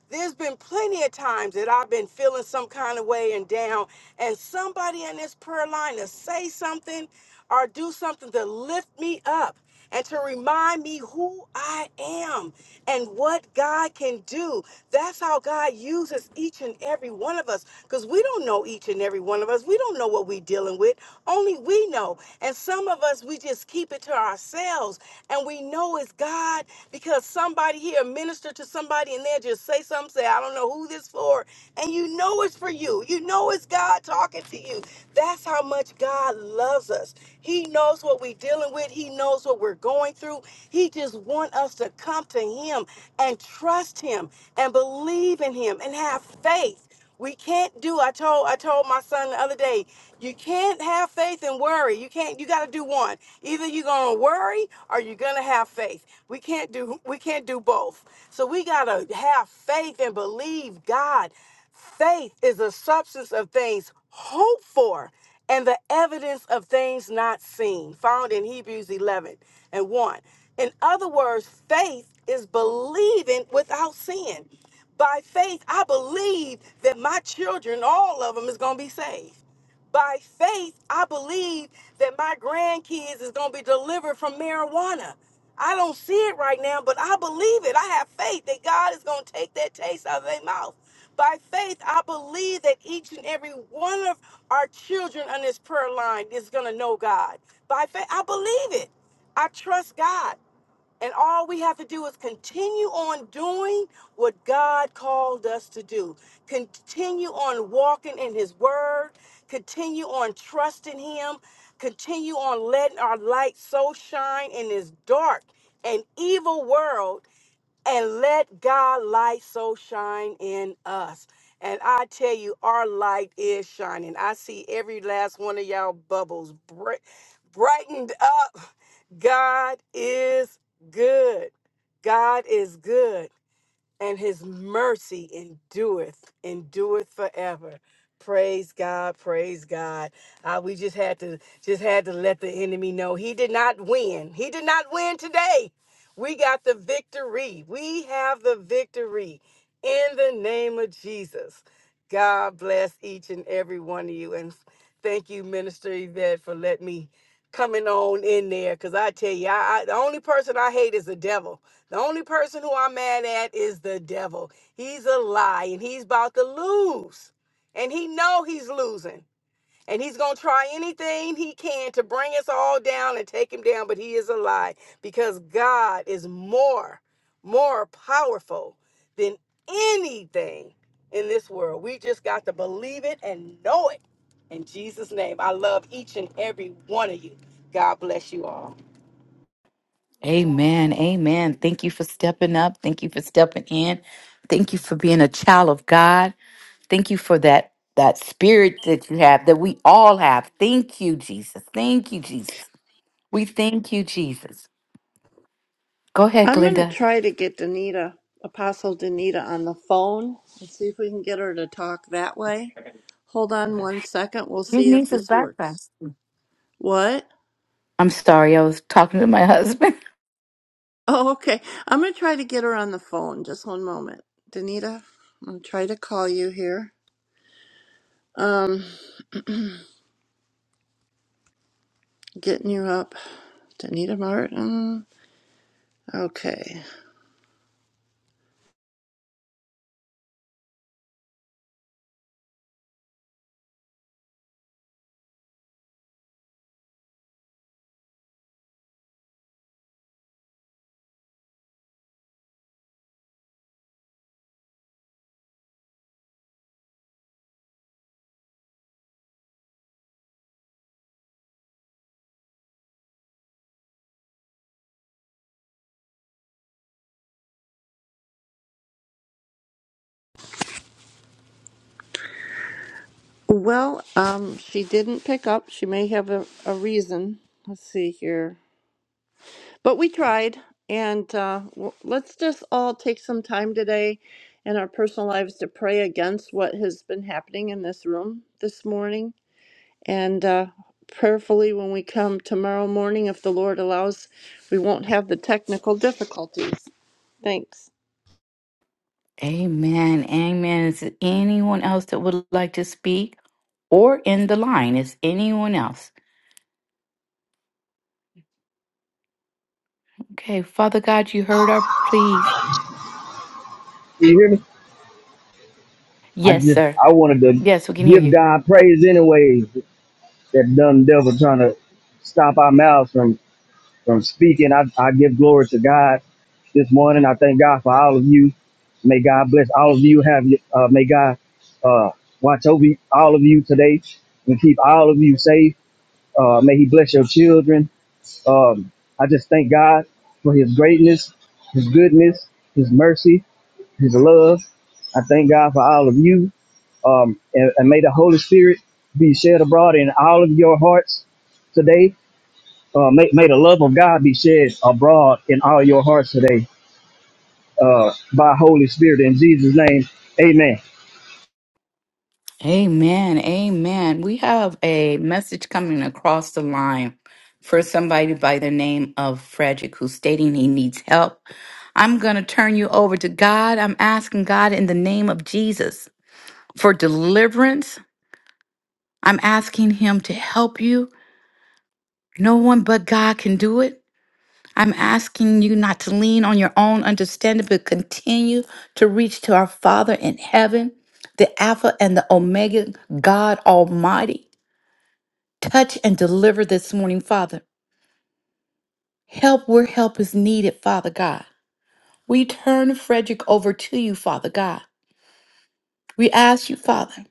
There's been plenty of times that I've been feeling some kind of way and down, and somebody in this prayer line to say something or do something to lift me up and to remind me who I am and what God can do. That's how God uses each and every one of us because we don't know each and every one of us. We don't know what we're dealing with. Only we know. And some of us, we just keep it to ourselves and we know it's God God because somebody here ministered to somebody and they just say something, say, I don't know who this for. And you know it's for you. You know it's God talking to you. That's how much God loves us. He knows what we're dealing with. He knows what we're going through. He just wants us to come to him and trust him and believe in him and have faith. We can't do. I told I told my son the other day, you can't have faith and worry. You can't. You got to do one. Either you're gonna worry or you're gonna have faith. We can't do. We can't do both. So we gotta have faith and believe God. Faith is the substance of things hoped for and the evidence of things not seen, found in Hebrews 11 and 1. In other words, faith is believing without seeing. By faith, I believe that my children, all of them, is going to be saved. By faith, I believe that my grandkids is going to be delivered from marijuana. I don't see it right now, but I believe it. I have faith that God is going to take that taste out of their mouth. By faith, I believe that each and every one of our children on this prayer line is going to know God. By faith, I believe it. I trust God. And all we have to do is continue on doing what God called us to do. Continue on walking in His Word. Continue on trusting Him. Continue on letting our light so shine in this dark and evil world and let God light so shine in us. And I tell you, our light is shining. I see every last one of y'all bubbles bright, brightened up. God is good. God is good and his mercy endureth endureth forever praise god praise god uh, we just had to just had to let the enemy know he did not win he did not win today we got the victory we have the victory in the name of jesus god bless each and every one of you and thank you minister yvette for letting me coming on in there because i tell you I, I the only person i hate is the devil the only person who I'm mad at is the devil. He's a lie and he's about to lose. And he know he's losing. And he's going to try anything he can to bring us all down and take him down, but he is a lie because God is more more powerful than anything in this world. We just got to believe it and know it. In Jesus name, I love each and every one of you. God bless you all.
Amen. Amen. Thank you for stepping up. Thank you for stepping in. Thank you for being a child of God. Thank you for that that spirit that you have that we all have. Thank you, Jesus. Thank you, Jesus. We thank you, Jesus. Go ahead,
I'm going to
Glenda.
try to get Danita, Apostle Danita, on the phone and see if we can get her to talk that way. Hold on
Okay.
one second. We'll
Your
see if
niece is
this
back
works.
fast.
What?
I'm sorry, I was talking to my husband.
Oh, okay. I'm going to try to get her on the phone. Just one moment. Danita, I'm going to try to call you here. Um, getting you up. Danita Martin. Okay. Well, um, she didn't pick up. She may have a, a reason. Let's see here. But we tried, and uh, w- let's just all take some time today in our personal lives to pray against what has been happening in this room this morning. And uh, prayerfully, when we come tomorrow morning, if the Lord allows, we won't have the technical difficulties. Thanks.
Amen. Amen. Is there anyone else that would like to speak or in the line? Is anyone else? Okay, Father God, you heard our pleas.
You hear me? I
Yes,
just
sir.
I wanted to
Yes, we can hear
give
you.
God praise anyway. That dumb devil trying to stop our mouths from from speaking. I, I give glory to God this morning. I thank God for all of you. May God bless all of you. Have your- uh, may God uh, watch over all of you today and keep all of you safe. Uh, may He bless your children. Um, I just thank God for His greatness, His goodness, His mercy, His love. I thank God for all of you. Um, and, and may the Holy Spirit be shed abroad in all of your hearts today uh, may, may the love of God be shed abroad in all your hearts today uh, by Holy Spirit. In Jesus' name, amen.
Amen. Amen. We have a message coming across the line for somebody by the name of Frederick who's stating he needs help. I'm going to turn you over to God. I'm asking God in the name of Jesus for deliverance. I'm asking him to help you. No one but God can do it. I'm asking you not to lean on your own understanding, but continue to reach to our Father in heaven, the Alpha and the Omega, God Almighty. Touch and deliver this morning, Father. Help where help is needed, Father God. We turn Frederick over to you, Father God. We ask you, Father,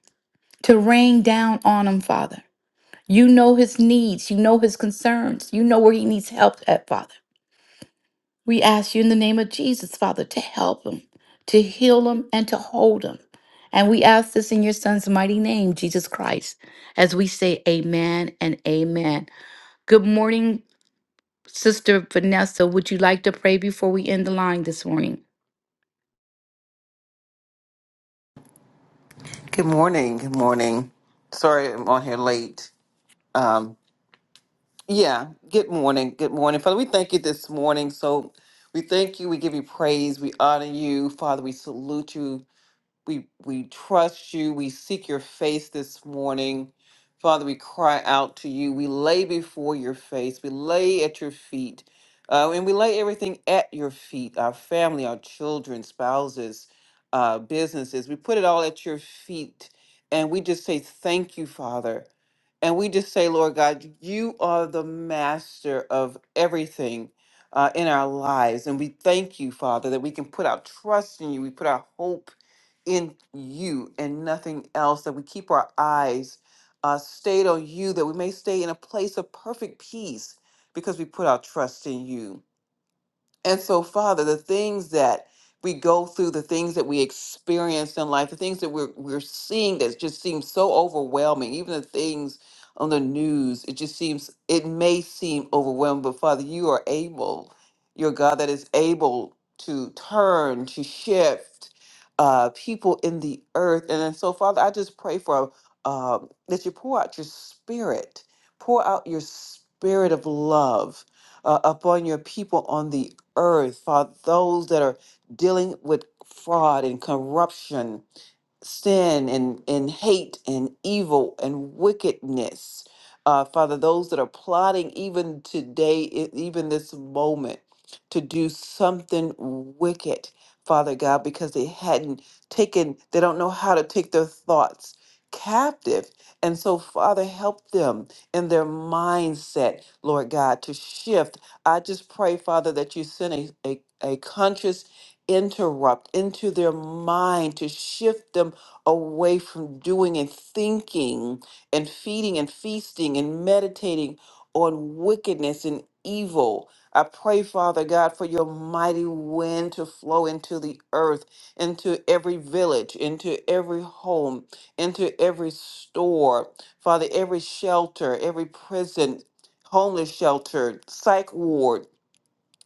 to rain down on him, Father. You know his needs, you know his concerns, you know where he needs help at, Father. We ask you in the name of Jesus, Father, to help him, to heal him, and to hold him. And we ask this in your son's mighty name, Jesus Christ, as we say amen and amen. Good morning, Sister Vanessa. Would you like to pray before we end the line this morning?
Good morning. Good morning. Sorry I'm on here late. Um, yeah, good morning. Good morning. Father, we thank you this morning. So we thank you. We give you praise. We honor you. Father, we salute you we we trust you. We seek your face this morning. Father, we cry out to you. We lay before your face. We lay at your feet. Uh, and we lay everything at your feet our family, our children, spouses, uh, businesses. We put it all at your feet. And we just say, Thank you, Father. And we just say, Lord God, you are the master of everything uh, in our lives. And we thank you, Father, that we can put our trust in you. We put our hope in you and nothing else, that we keep our eyes uh, stayed on you, that we may stay in a place of perfect peace because we put our trust in you. And so, Father, the things that we go through, the things that we experience in life, the things that we're we're seeing that just seems so overwhelming, even the things on the news, it just seems it may seem overwhelming, but Father, you are able, you're a God that is able to turn, to shift uh, people in the earth. And, then so, Father, I just pray for uh, that you pour out your spirit, pour out your spirit of love uh, upon your people on the earth, Father, those that are dealing with fraud and corruption, sin and, and hate and evil and wickedness. Uh, Father, those that are plotting even today, e- even this moment, to do something wicked, Father God, because they hadn't taken, they don't know how to take their thoughts captive. And so, Father, help them in their mindset, Lord God, to shift. I just pray, Father, that you send a, a, a conscious interrupt into their mind to shift them away from doing and thinking and feeding and feasting and meditating on wickedness and evil. I pray, Father God, for your mighty wind to flow into the earth, into every village, into every home, into every store, Father, every shelter, every prison, homeless shelter, psych ward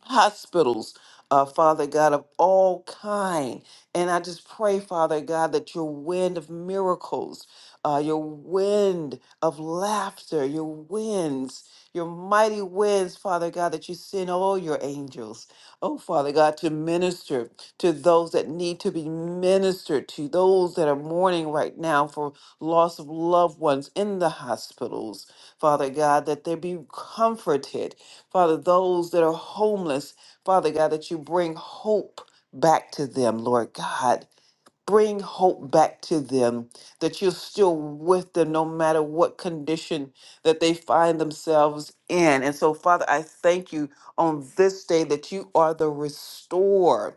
hospitals, uh, Father God, of all kind. And I just pray, Father God, that your wind of miracles, uh, your wind of laughter, your winds, your mighty winds, Father God, that you send all your angels, oh Father God, to minister to those that need to be ministered to, those that are mourning right now for loss of loved ones in the hospitals, Father God, that they be comforted Father, those that are homeless, Father God, that you bring hope back to them, Lord God. Bring hope back to them that you're still with them no matter what condition that they find themselves in. And so, Father, I thank you on this day that you are the restorer.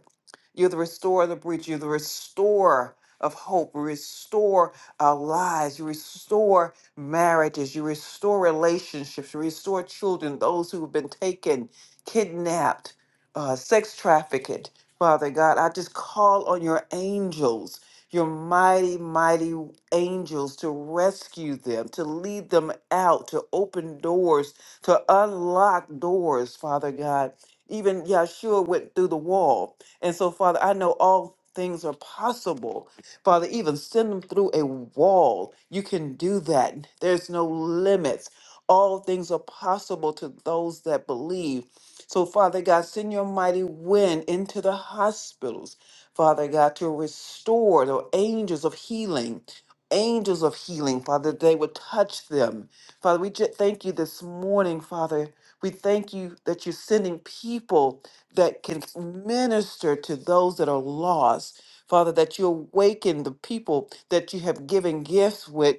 You're the restorer of the breach. You're the restorer of hope. You restore our lives. You restore marriages. You restore relationships. You restore children, those who have been taken, kidnapped, uh, sex trafficked. Father God, I just call on your angels, your mighty, mighty angels to rescue them, to lead them out, to open doors, to unlock doors, Father God. Even Yahshua went through the wall and so, Father, I know all things are possible. Father, even send them through a wall. You can do that. There's no limits. All things are possible to those that believe. So, Father God, send your mighty wind into the hospitals, Father God, to restore the angels of healing. Angels of healing, Father, that they would touch them. Father, we ju- thank you this morning, Father. We thank you that you're sending people that can minister to those that are lost. Father, that you awaken the people that you have given gifts with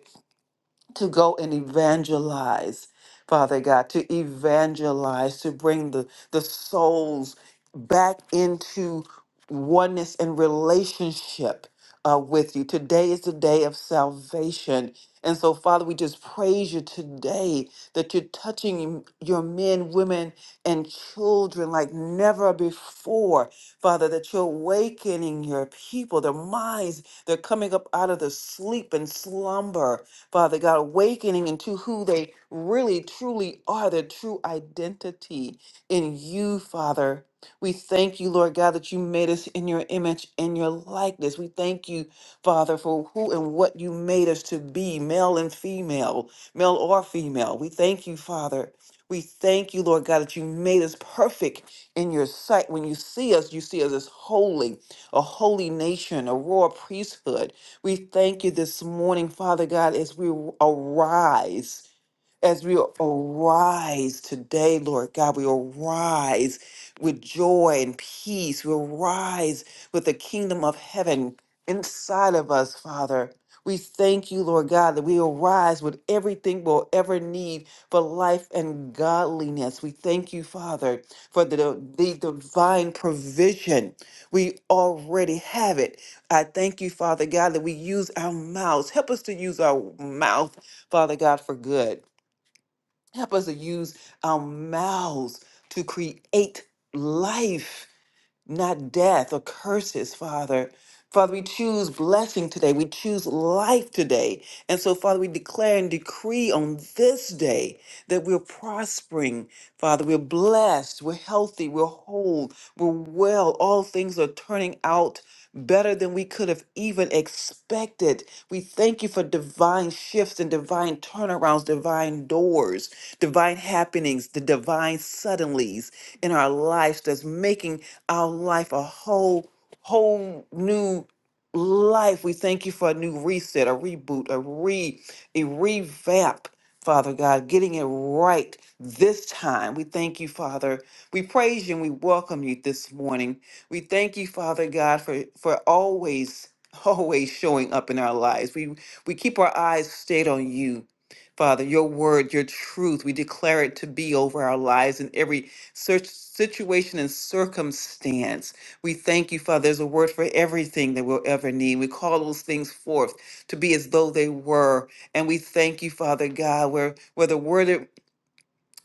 to go and evangelize, Father God, to evangelize, to bring the, the souls back into oneness and relationship uh, with you. Today is the day of salvation. And so, Father, we just praise you today that you're touching your men, women, and children like never before. Father, that you're awakening your people, their minds. They're coming up out of the sleep and slumber Father God, awakening into who they really truly are, their true identity in you, Father. We thank you, Lord God, that you made us in your image and your likeness. We thank you, Father, for who and what you made us to be, male and female, male or female. We thank you, Father. We thank you, Lord God, that you made us perfect in your sight. When you see us, you see us as holy, a holy nation, a royal priesthood. We thank you this morning, Father God, as we arise as we arise today, Lord God, we arise with joy and peace. We arise with the kingdom of heaven inside of us, Father. We thank you, Lord God, that we arise with everything we'll ever need for life and godliness. We thank you, Father, for the, the divine provision. We already have it. I thank you, Father God, that we use our mouths. Help us to use our mouth, Father God, for good. Help us to use our mouths to create life not death or curses, Father. Father, we choose blessing today. We choose life today. And so, Father, we declare and decree on this day that we're prospering. Father, we're blessed, we're healthy, we're whole, we're well. All things are turning out better than we could have even expected. We thank you for divine shifts and divine turnarounds, divine doors, divine happenings, the divine suddenlies in our lives that's making our life a whole, whole new life. We thank you for a new reset, a reboot, a re, a revamp. Father God, getting it right this time. We thank you, Father. We praise you and we welcome you this morning. We thank you, Father God, for for always, always showing up in our lives. We we keep our eyes stayed on you. Father, your word, your truth, we declare it to be over our lives in every search situation and circumstance. We thank you, Father. There's a word for everything that we'll ever need. We call those things forth to be as though they were. And we thank you, Father God, where, where the word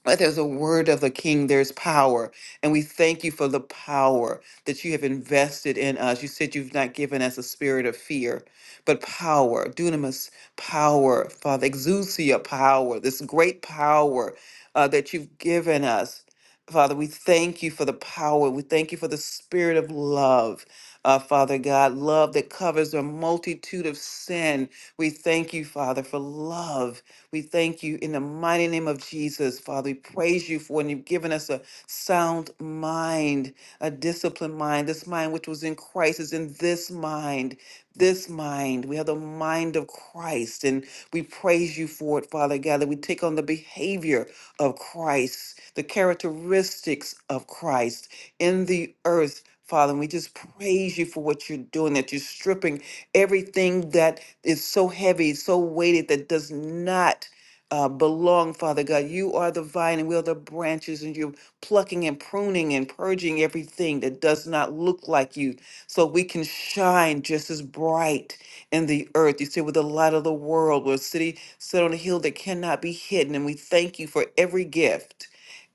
but there's a word of the king, there's power. And we thank you for the power that you have invested in us. You said you've not given us a spirit of fear, but power, dunamis power, Father, exousia power, this great power uh, that you've given us. Father, we thank you for the power. We thank you for the spirit of love, uh, Father God, love that covers a multitude of sin. We thank you, Father, for love we thank you in the mighty name of Jesus, Father. We praise you for when you've given us a sound mind, a disciplined mind. This mind which was in Christ is in this mind. This mind. We have the mind of Christ, and we praise you for it, Father God, that we take on the behavior of Christ, the characteristics of Christ in the earth. Father, and we just praise you for what you're doing, that you're stripping everything that is so heavy, so weighted that does not uh, belong, Father God. You are the vine and we are the branches, and you're plucking and pruning and purging everything that does not look like you so we can shine just as bright in the earth. You say, with the light of the world, we're a city set on a hill that cannot be hidden. And we thank you for every gift.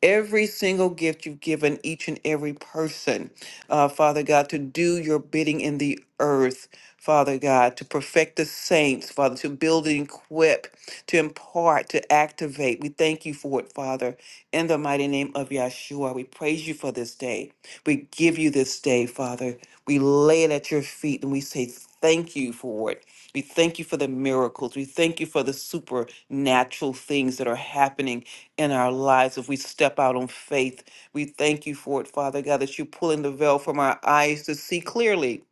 Every single gift you've given each and every person, uh, Father God, to do your bidding in the earth. Father God, to perfect the saints, Father, to build and equip, to impart, to activate. We thank you for it, Father, in the mighty name of Yahshua. We praise you for this day. We give you this day, Father. We lay it at your feet and we say thank you for it. We thank you for the miracles. We thank you for the supernatural things that are happening in our lives if we step out on faith. We thank you for it, Father God, that you're pulling the veil from our eyes to see clearly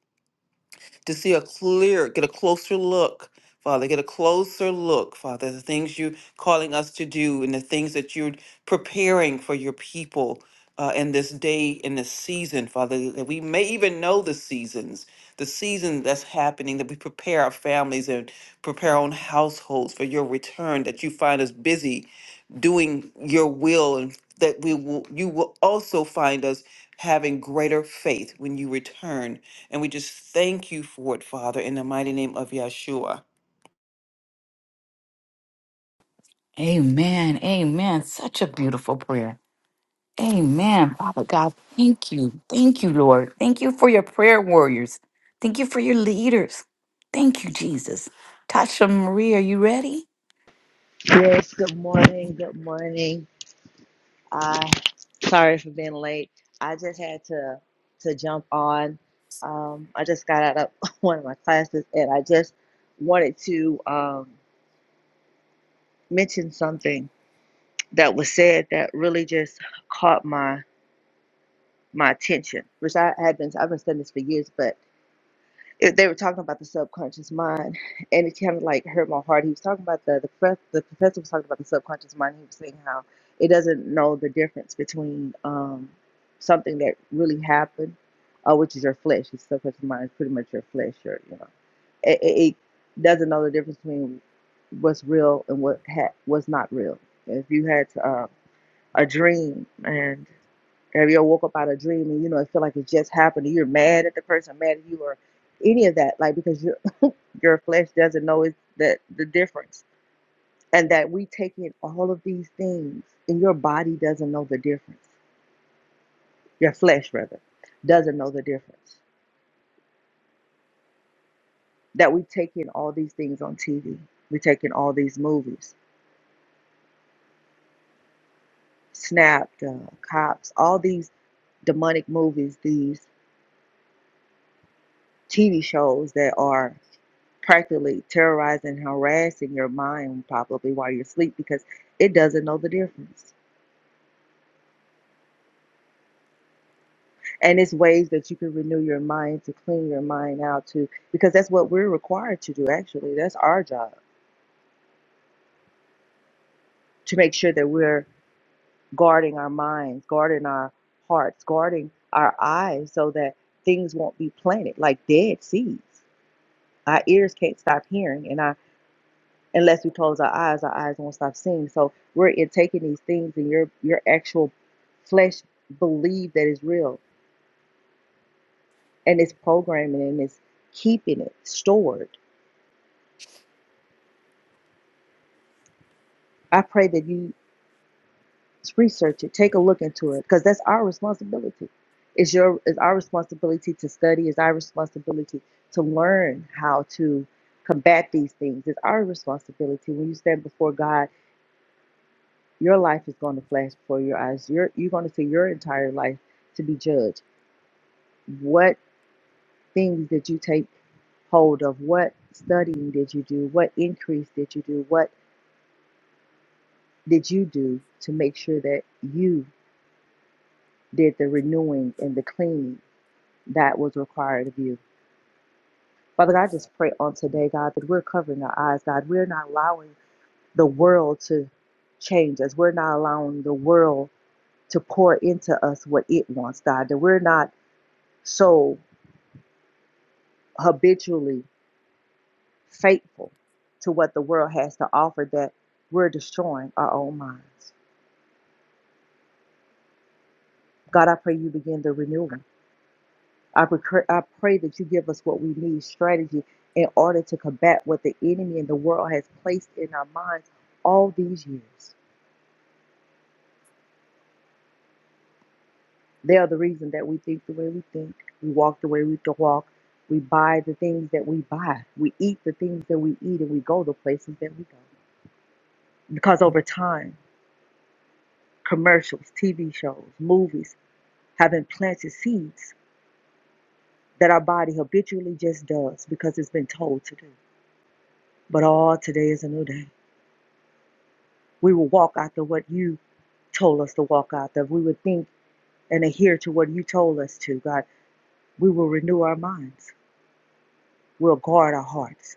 to see a clear, get a closer look, Father, get a closer look, Father, the things you're calling us to do and the things that you're preparing for your people uh, in this day, in this season, Father, that we may even know the seasons, the season that's happening, that we prepare our families and prepare our own households for your return, that you find us busy doing your will and that we will you will also find us having greater faith when you return and we just thank you for it father in the mighty name of yeshua
Amen. Amen. Such a beautiful prayer. Amen. Father God, thank you. Thank you, Lord. Thank you for your prayer warriors. Thank you for your leaders. Thank you, Jesus. Tasha Marie, are you ready?
Yes, good morning. Good morning. I sorry for being late. I just had to to jump on. Um, I just got out of one of my classes, and I just wanted to um, mention something that was said that really just caught my my attention, which I had been I've been studying this for years, but. it, they were talking about the subconscious mind, and it kind of like hurt my heart. He was talking about the the, prof, the professor was talking about the subconscious mind. He was saying how it doesn't know the difference between um, something that really happened, uh, which is your flesh. Your subconscious mind is pretty much your flesh. Your you know, it, it, it doesn't know the difference between what's real and what ha- what's not real. If you had uh, a dream and have you ever woke up out of a dream and you know it feel like it just happened? and You're mad at the person, mad at you, or any of that, like because your your flesh doesn't know it's that the difference, and that we take in all of these things, and your body doesn't know the difference. Your flesh, rather, doesn't know the difference. That we take in all these things on TV, we take in all these movies, Snapped, uh, Cops, all these demonic movies, these TV shows that are practically terrorizing, harassing your mind probably while you're asleep because it doesn't know the difference. And it's ways that you can renew your mind to clean your mind out to because that's what we're required to do actually. That's our job to make sure that we're guarding our minds, guarding our hearts, guarding our eyes so that things won't be planted like dead seeds. Our ears can't stop hearing and our unless we close our eyes, our eyes won't stop seeing. So we're taking these things and your your actual flesh believe that it's real and it's programming and it's keeping it stored. I pray that you research it, take a look into it, because that's our responsibility. It's your it's our responsibility to study, it's our responsibility to learn how to combat these things. It's our responsibility when you stand before God, your life is going to flash before your eyes. You're you're going to see your entire life to be judged What things did you take hold of? What studying did you do? What increase did you do? What did you do to make sure that you did the renewing and the cleaning that was required of you? Father God, I just pray on today, God, that we're covering our eyes, God. We're not allowing the world to change us. We're not allowing the world to pour into us what it wants, God. That we're not so habitually faithful to what the world has to offer that we're destroying our own minds. God, I pray you begin the renewal. I, pray- I pray that you give us what we need strategy in order to combat what the enemy and the world has placed in our minds all these years. They are the reason that we think the way we think, we walk the way we to walk, we buy the things that we buy, we eat the things that we eat, and we go the places that we go. Because over time, commercials, TV shows, movies have implanted seeds that our body habitually just does because it's been told to do. But all oh, today is a new day. We will walk after what you told us to walk after. We would think and adhere to what you told us to, God. We will renew our minds. We'll guard our hearts.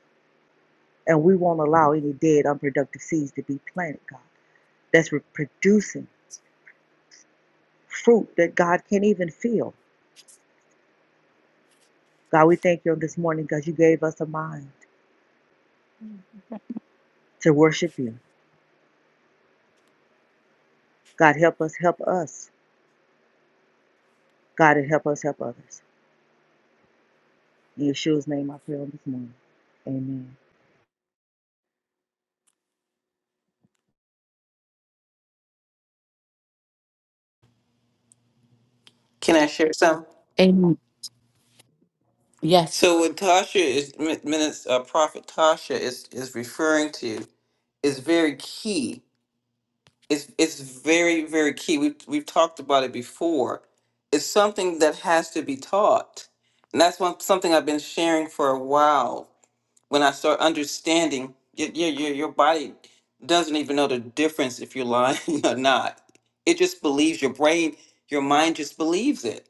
And we won't allow any dead, unproductive seeds to be planted, God, that's re- producing fruit that God can't even feel. God, we thank you on this morning because you gave us a mind to worship you. God, help us, help us. God, and help us, help others. In Yeshua's name, I pray on this morning. Amen.
can i share some
Amen. Yes.
so what tasha is min- minutes uh, prophet tasha is is referring to is very key it's it's very very key we've, we've talked about it before it's something that has to be taught and that's one something i've been sharing for a while when I start understanding, your your your, your body doesn't even know the difference if you're lying or not. It just believes your brain, your mind just believes it,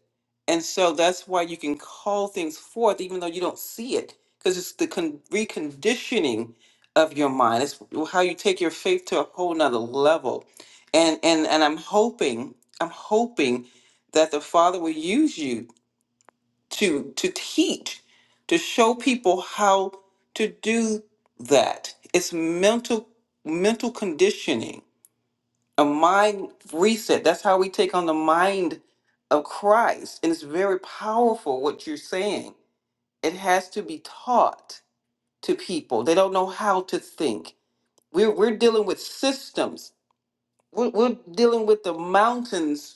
and so that's why you can call things forth even though you don't see it, because it's the con- reconditioning of your mind. It's how you take your faith to a whole nother level, and and and I'm hoping, I'm hoping that the Father will use you to to teach to show people how to do that it's mental mental conditioning a mind reset that's how we take on the mind of christ and it's very powerful what you're saying it has to be taught to people they don't know how to think we're, we're dealing with systems we're, we're dealing with the mountains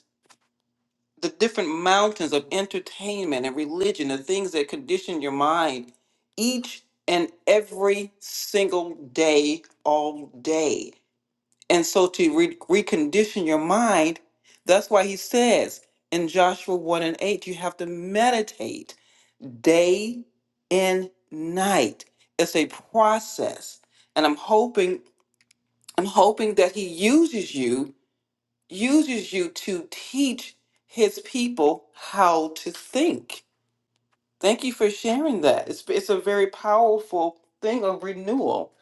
the different mountains of entertainment and religion, the things that condition your mind each and every single day, all day. And so to re- recondition your mind, that's why he says in Joshua 1 and 8, you have to meditate day and night. It's a process. And I'm hoping, I'm hoping that he uses you uses you to teach his people how to think. Thank you for sharing that. It's it's a very powerful thing of renewal.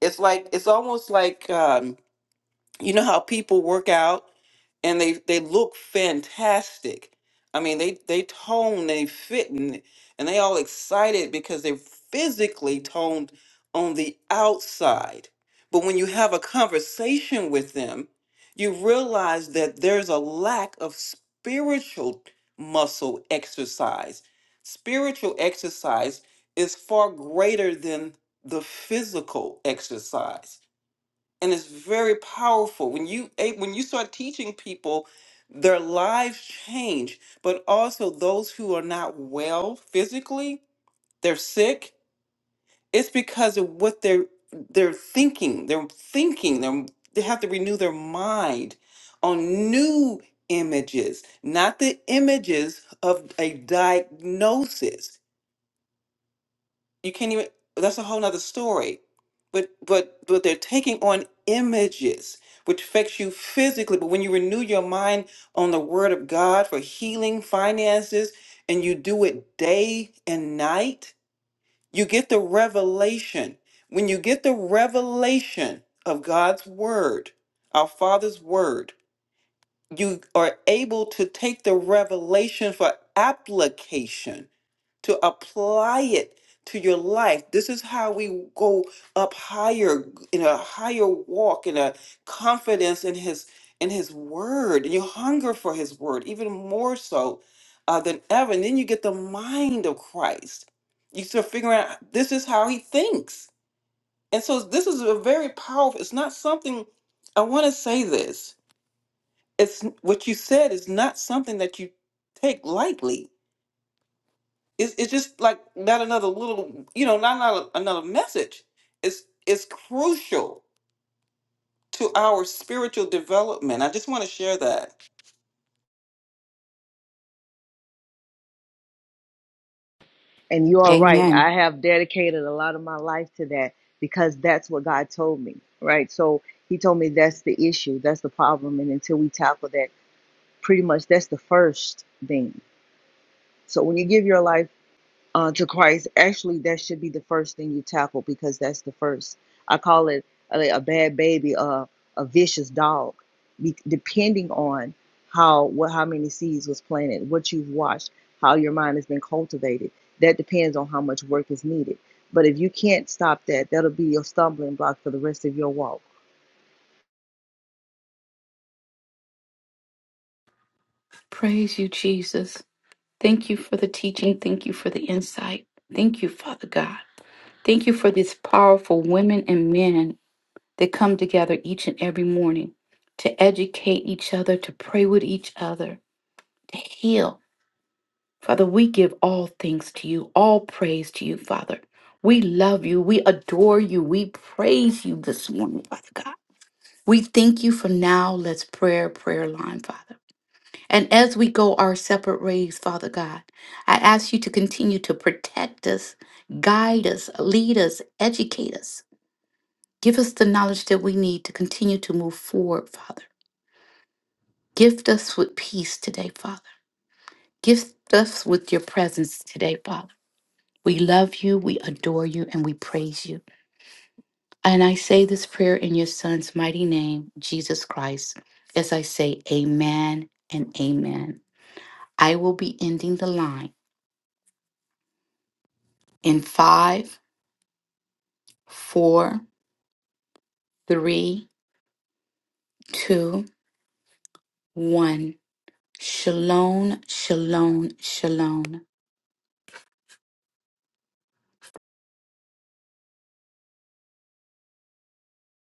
It's like it's almost like um, you know how people work out and they they look fantastic. I mean, they they tone, they fit, and, and they all excited because they're physically toned on the outside. But when you have a conversation with them, you realize that there's a lack of spiritual muscle exercise. Spiritual exercise is far greater than the physical exercise and it's very powerful when you eh, when you start teaching people their lives change but also those who are not well physically they're sick it's because of what they're they're thinking they're thinking they're, they have to renew their mind on new images not the images of a diagnosis you can't even. That's a whole nother story. But but but they're taking on images, which affects you physically. But when you renew your mind on the Word of God for healing, finances, and you do it day and night, you get the revelation. When you get the revelation of God's Word, our Father's Word, you are able to take the revelation for application to apply it to your life. This is how we go up higher in a higher walk in a confidence in his in his word. And you hunger for his word even more so uh, than ever. And then you get the mind of Christ. You start figuring out this is how he thinks. And so this is a very powerful, it's not something I want to say this. It's what you said is not something that you take lightly it's it's just like not another little, you know, not another, another message. It's it's crucial to our spiritual development. I just want to share that
And you are right. I
Amen.
have dedicated a lot of my life to that because that's what God told me, right? So He told me that's the issue, that's the problem. And until we tackle that, pretty much that's the first thing. So when you give your life, uh, to Christ, actually, that should be the first thing you tackle because that's the first. I call it a, a bad baby, a, a vicious dog, be, depending on how what how many seeds was planted, what you've watched, how your mind has been cultivated. That depends on how much work is needed. But if you can't stop that, that'll be your stumbling block for the rest of your walk.
Praise you, Jesus. Thank you for the teaching. Thank you for the insight. Thank you, Father God. Thank you for these powerful women and men that come together each and every morning to educate each other, to pray with each other, to heal. Father, we give all things to you, all praise to you, Father. We love you. We adore you. We praise you this morning, Father God. We thank you for now. Let's prayer, prayer line, Father. And as we go our separate ways, Father God, I ask you to continue to protect us, guide us, lead us, educate us. Give us the knowledge that we need to continue to move forward, Father. Gift us with peace today, Father. Gift us with your presence today, Father. We love you, we adore you, and we praise you. And I say this prayer in your Son's mighty name, Jesus Christ, as I say, Amen and Amen. I will be ending the line in five four, three, two, one. Shalom, shalom, shalom.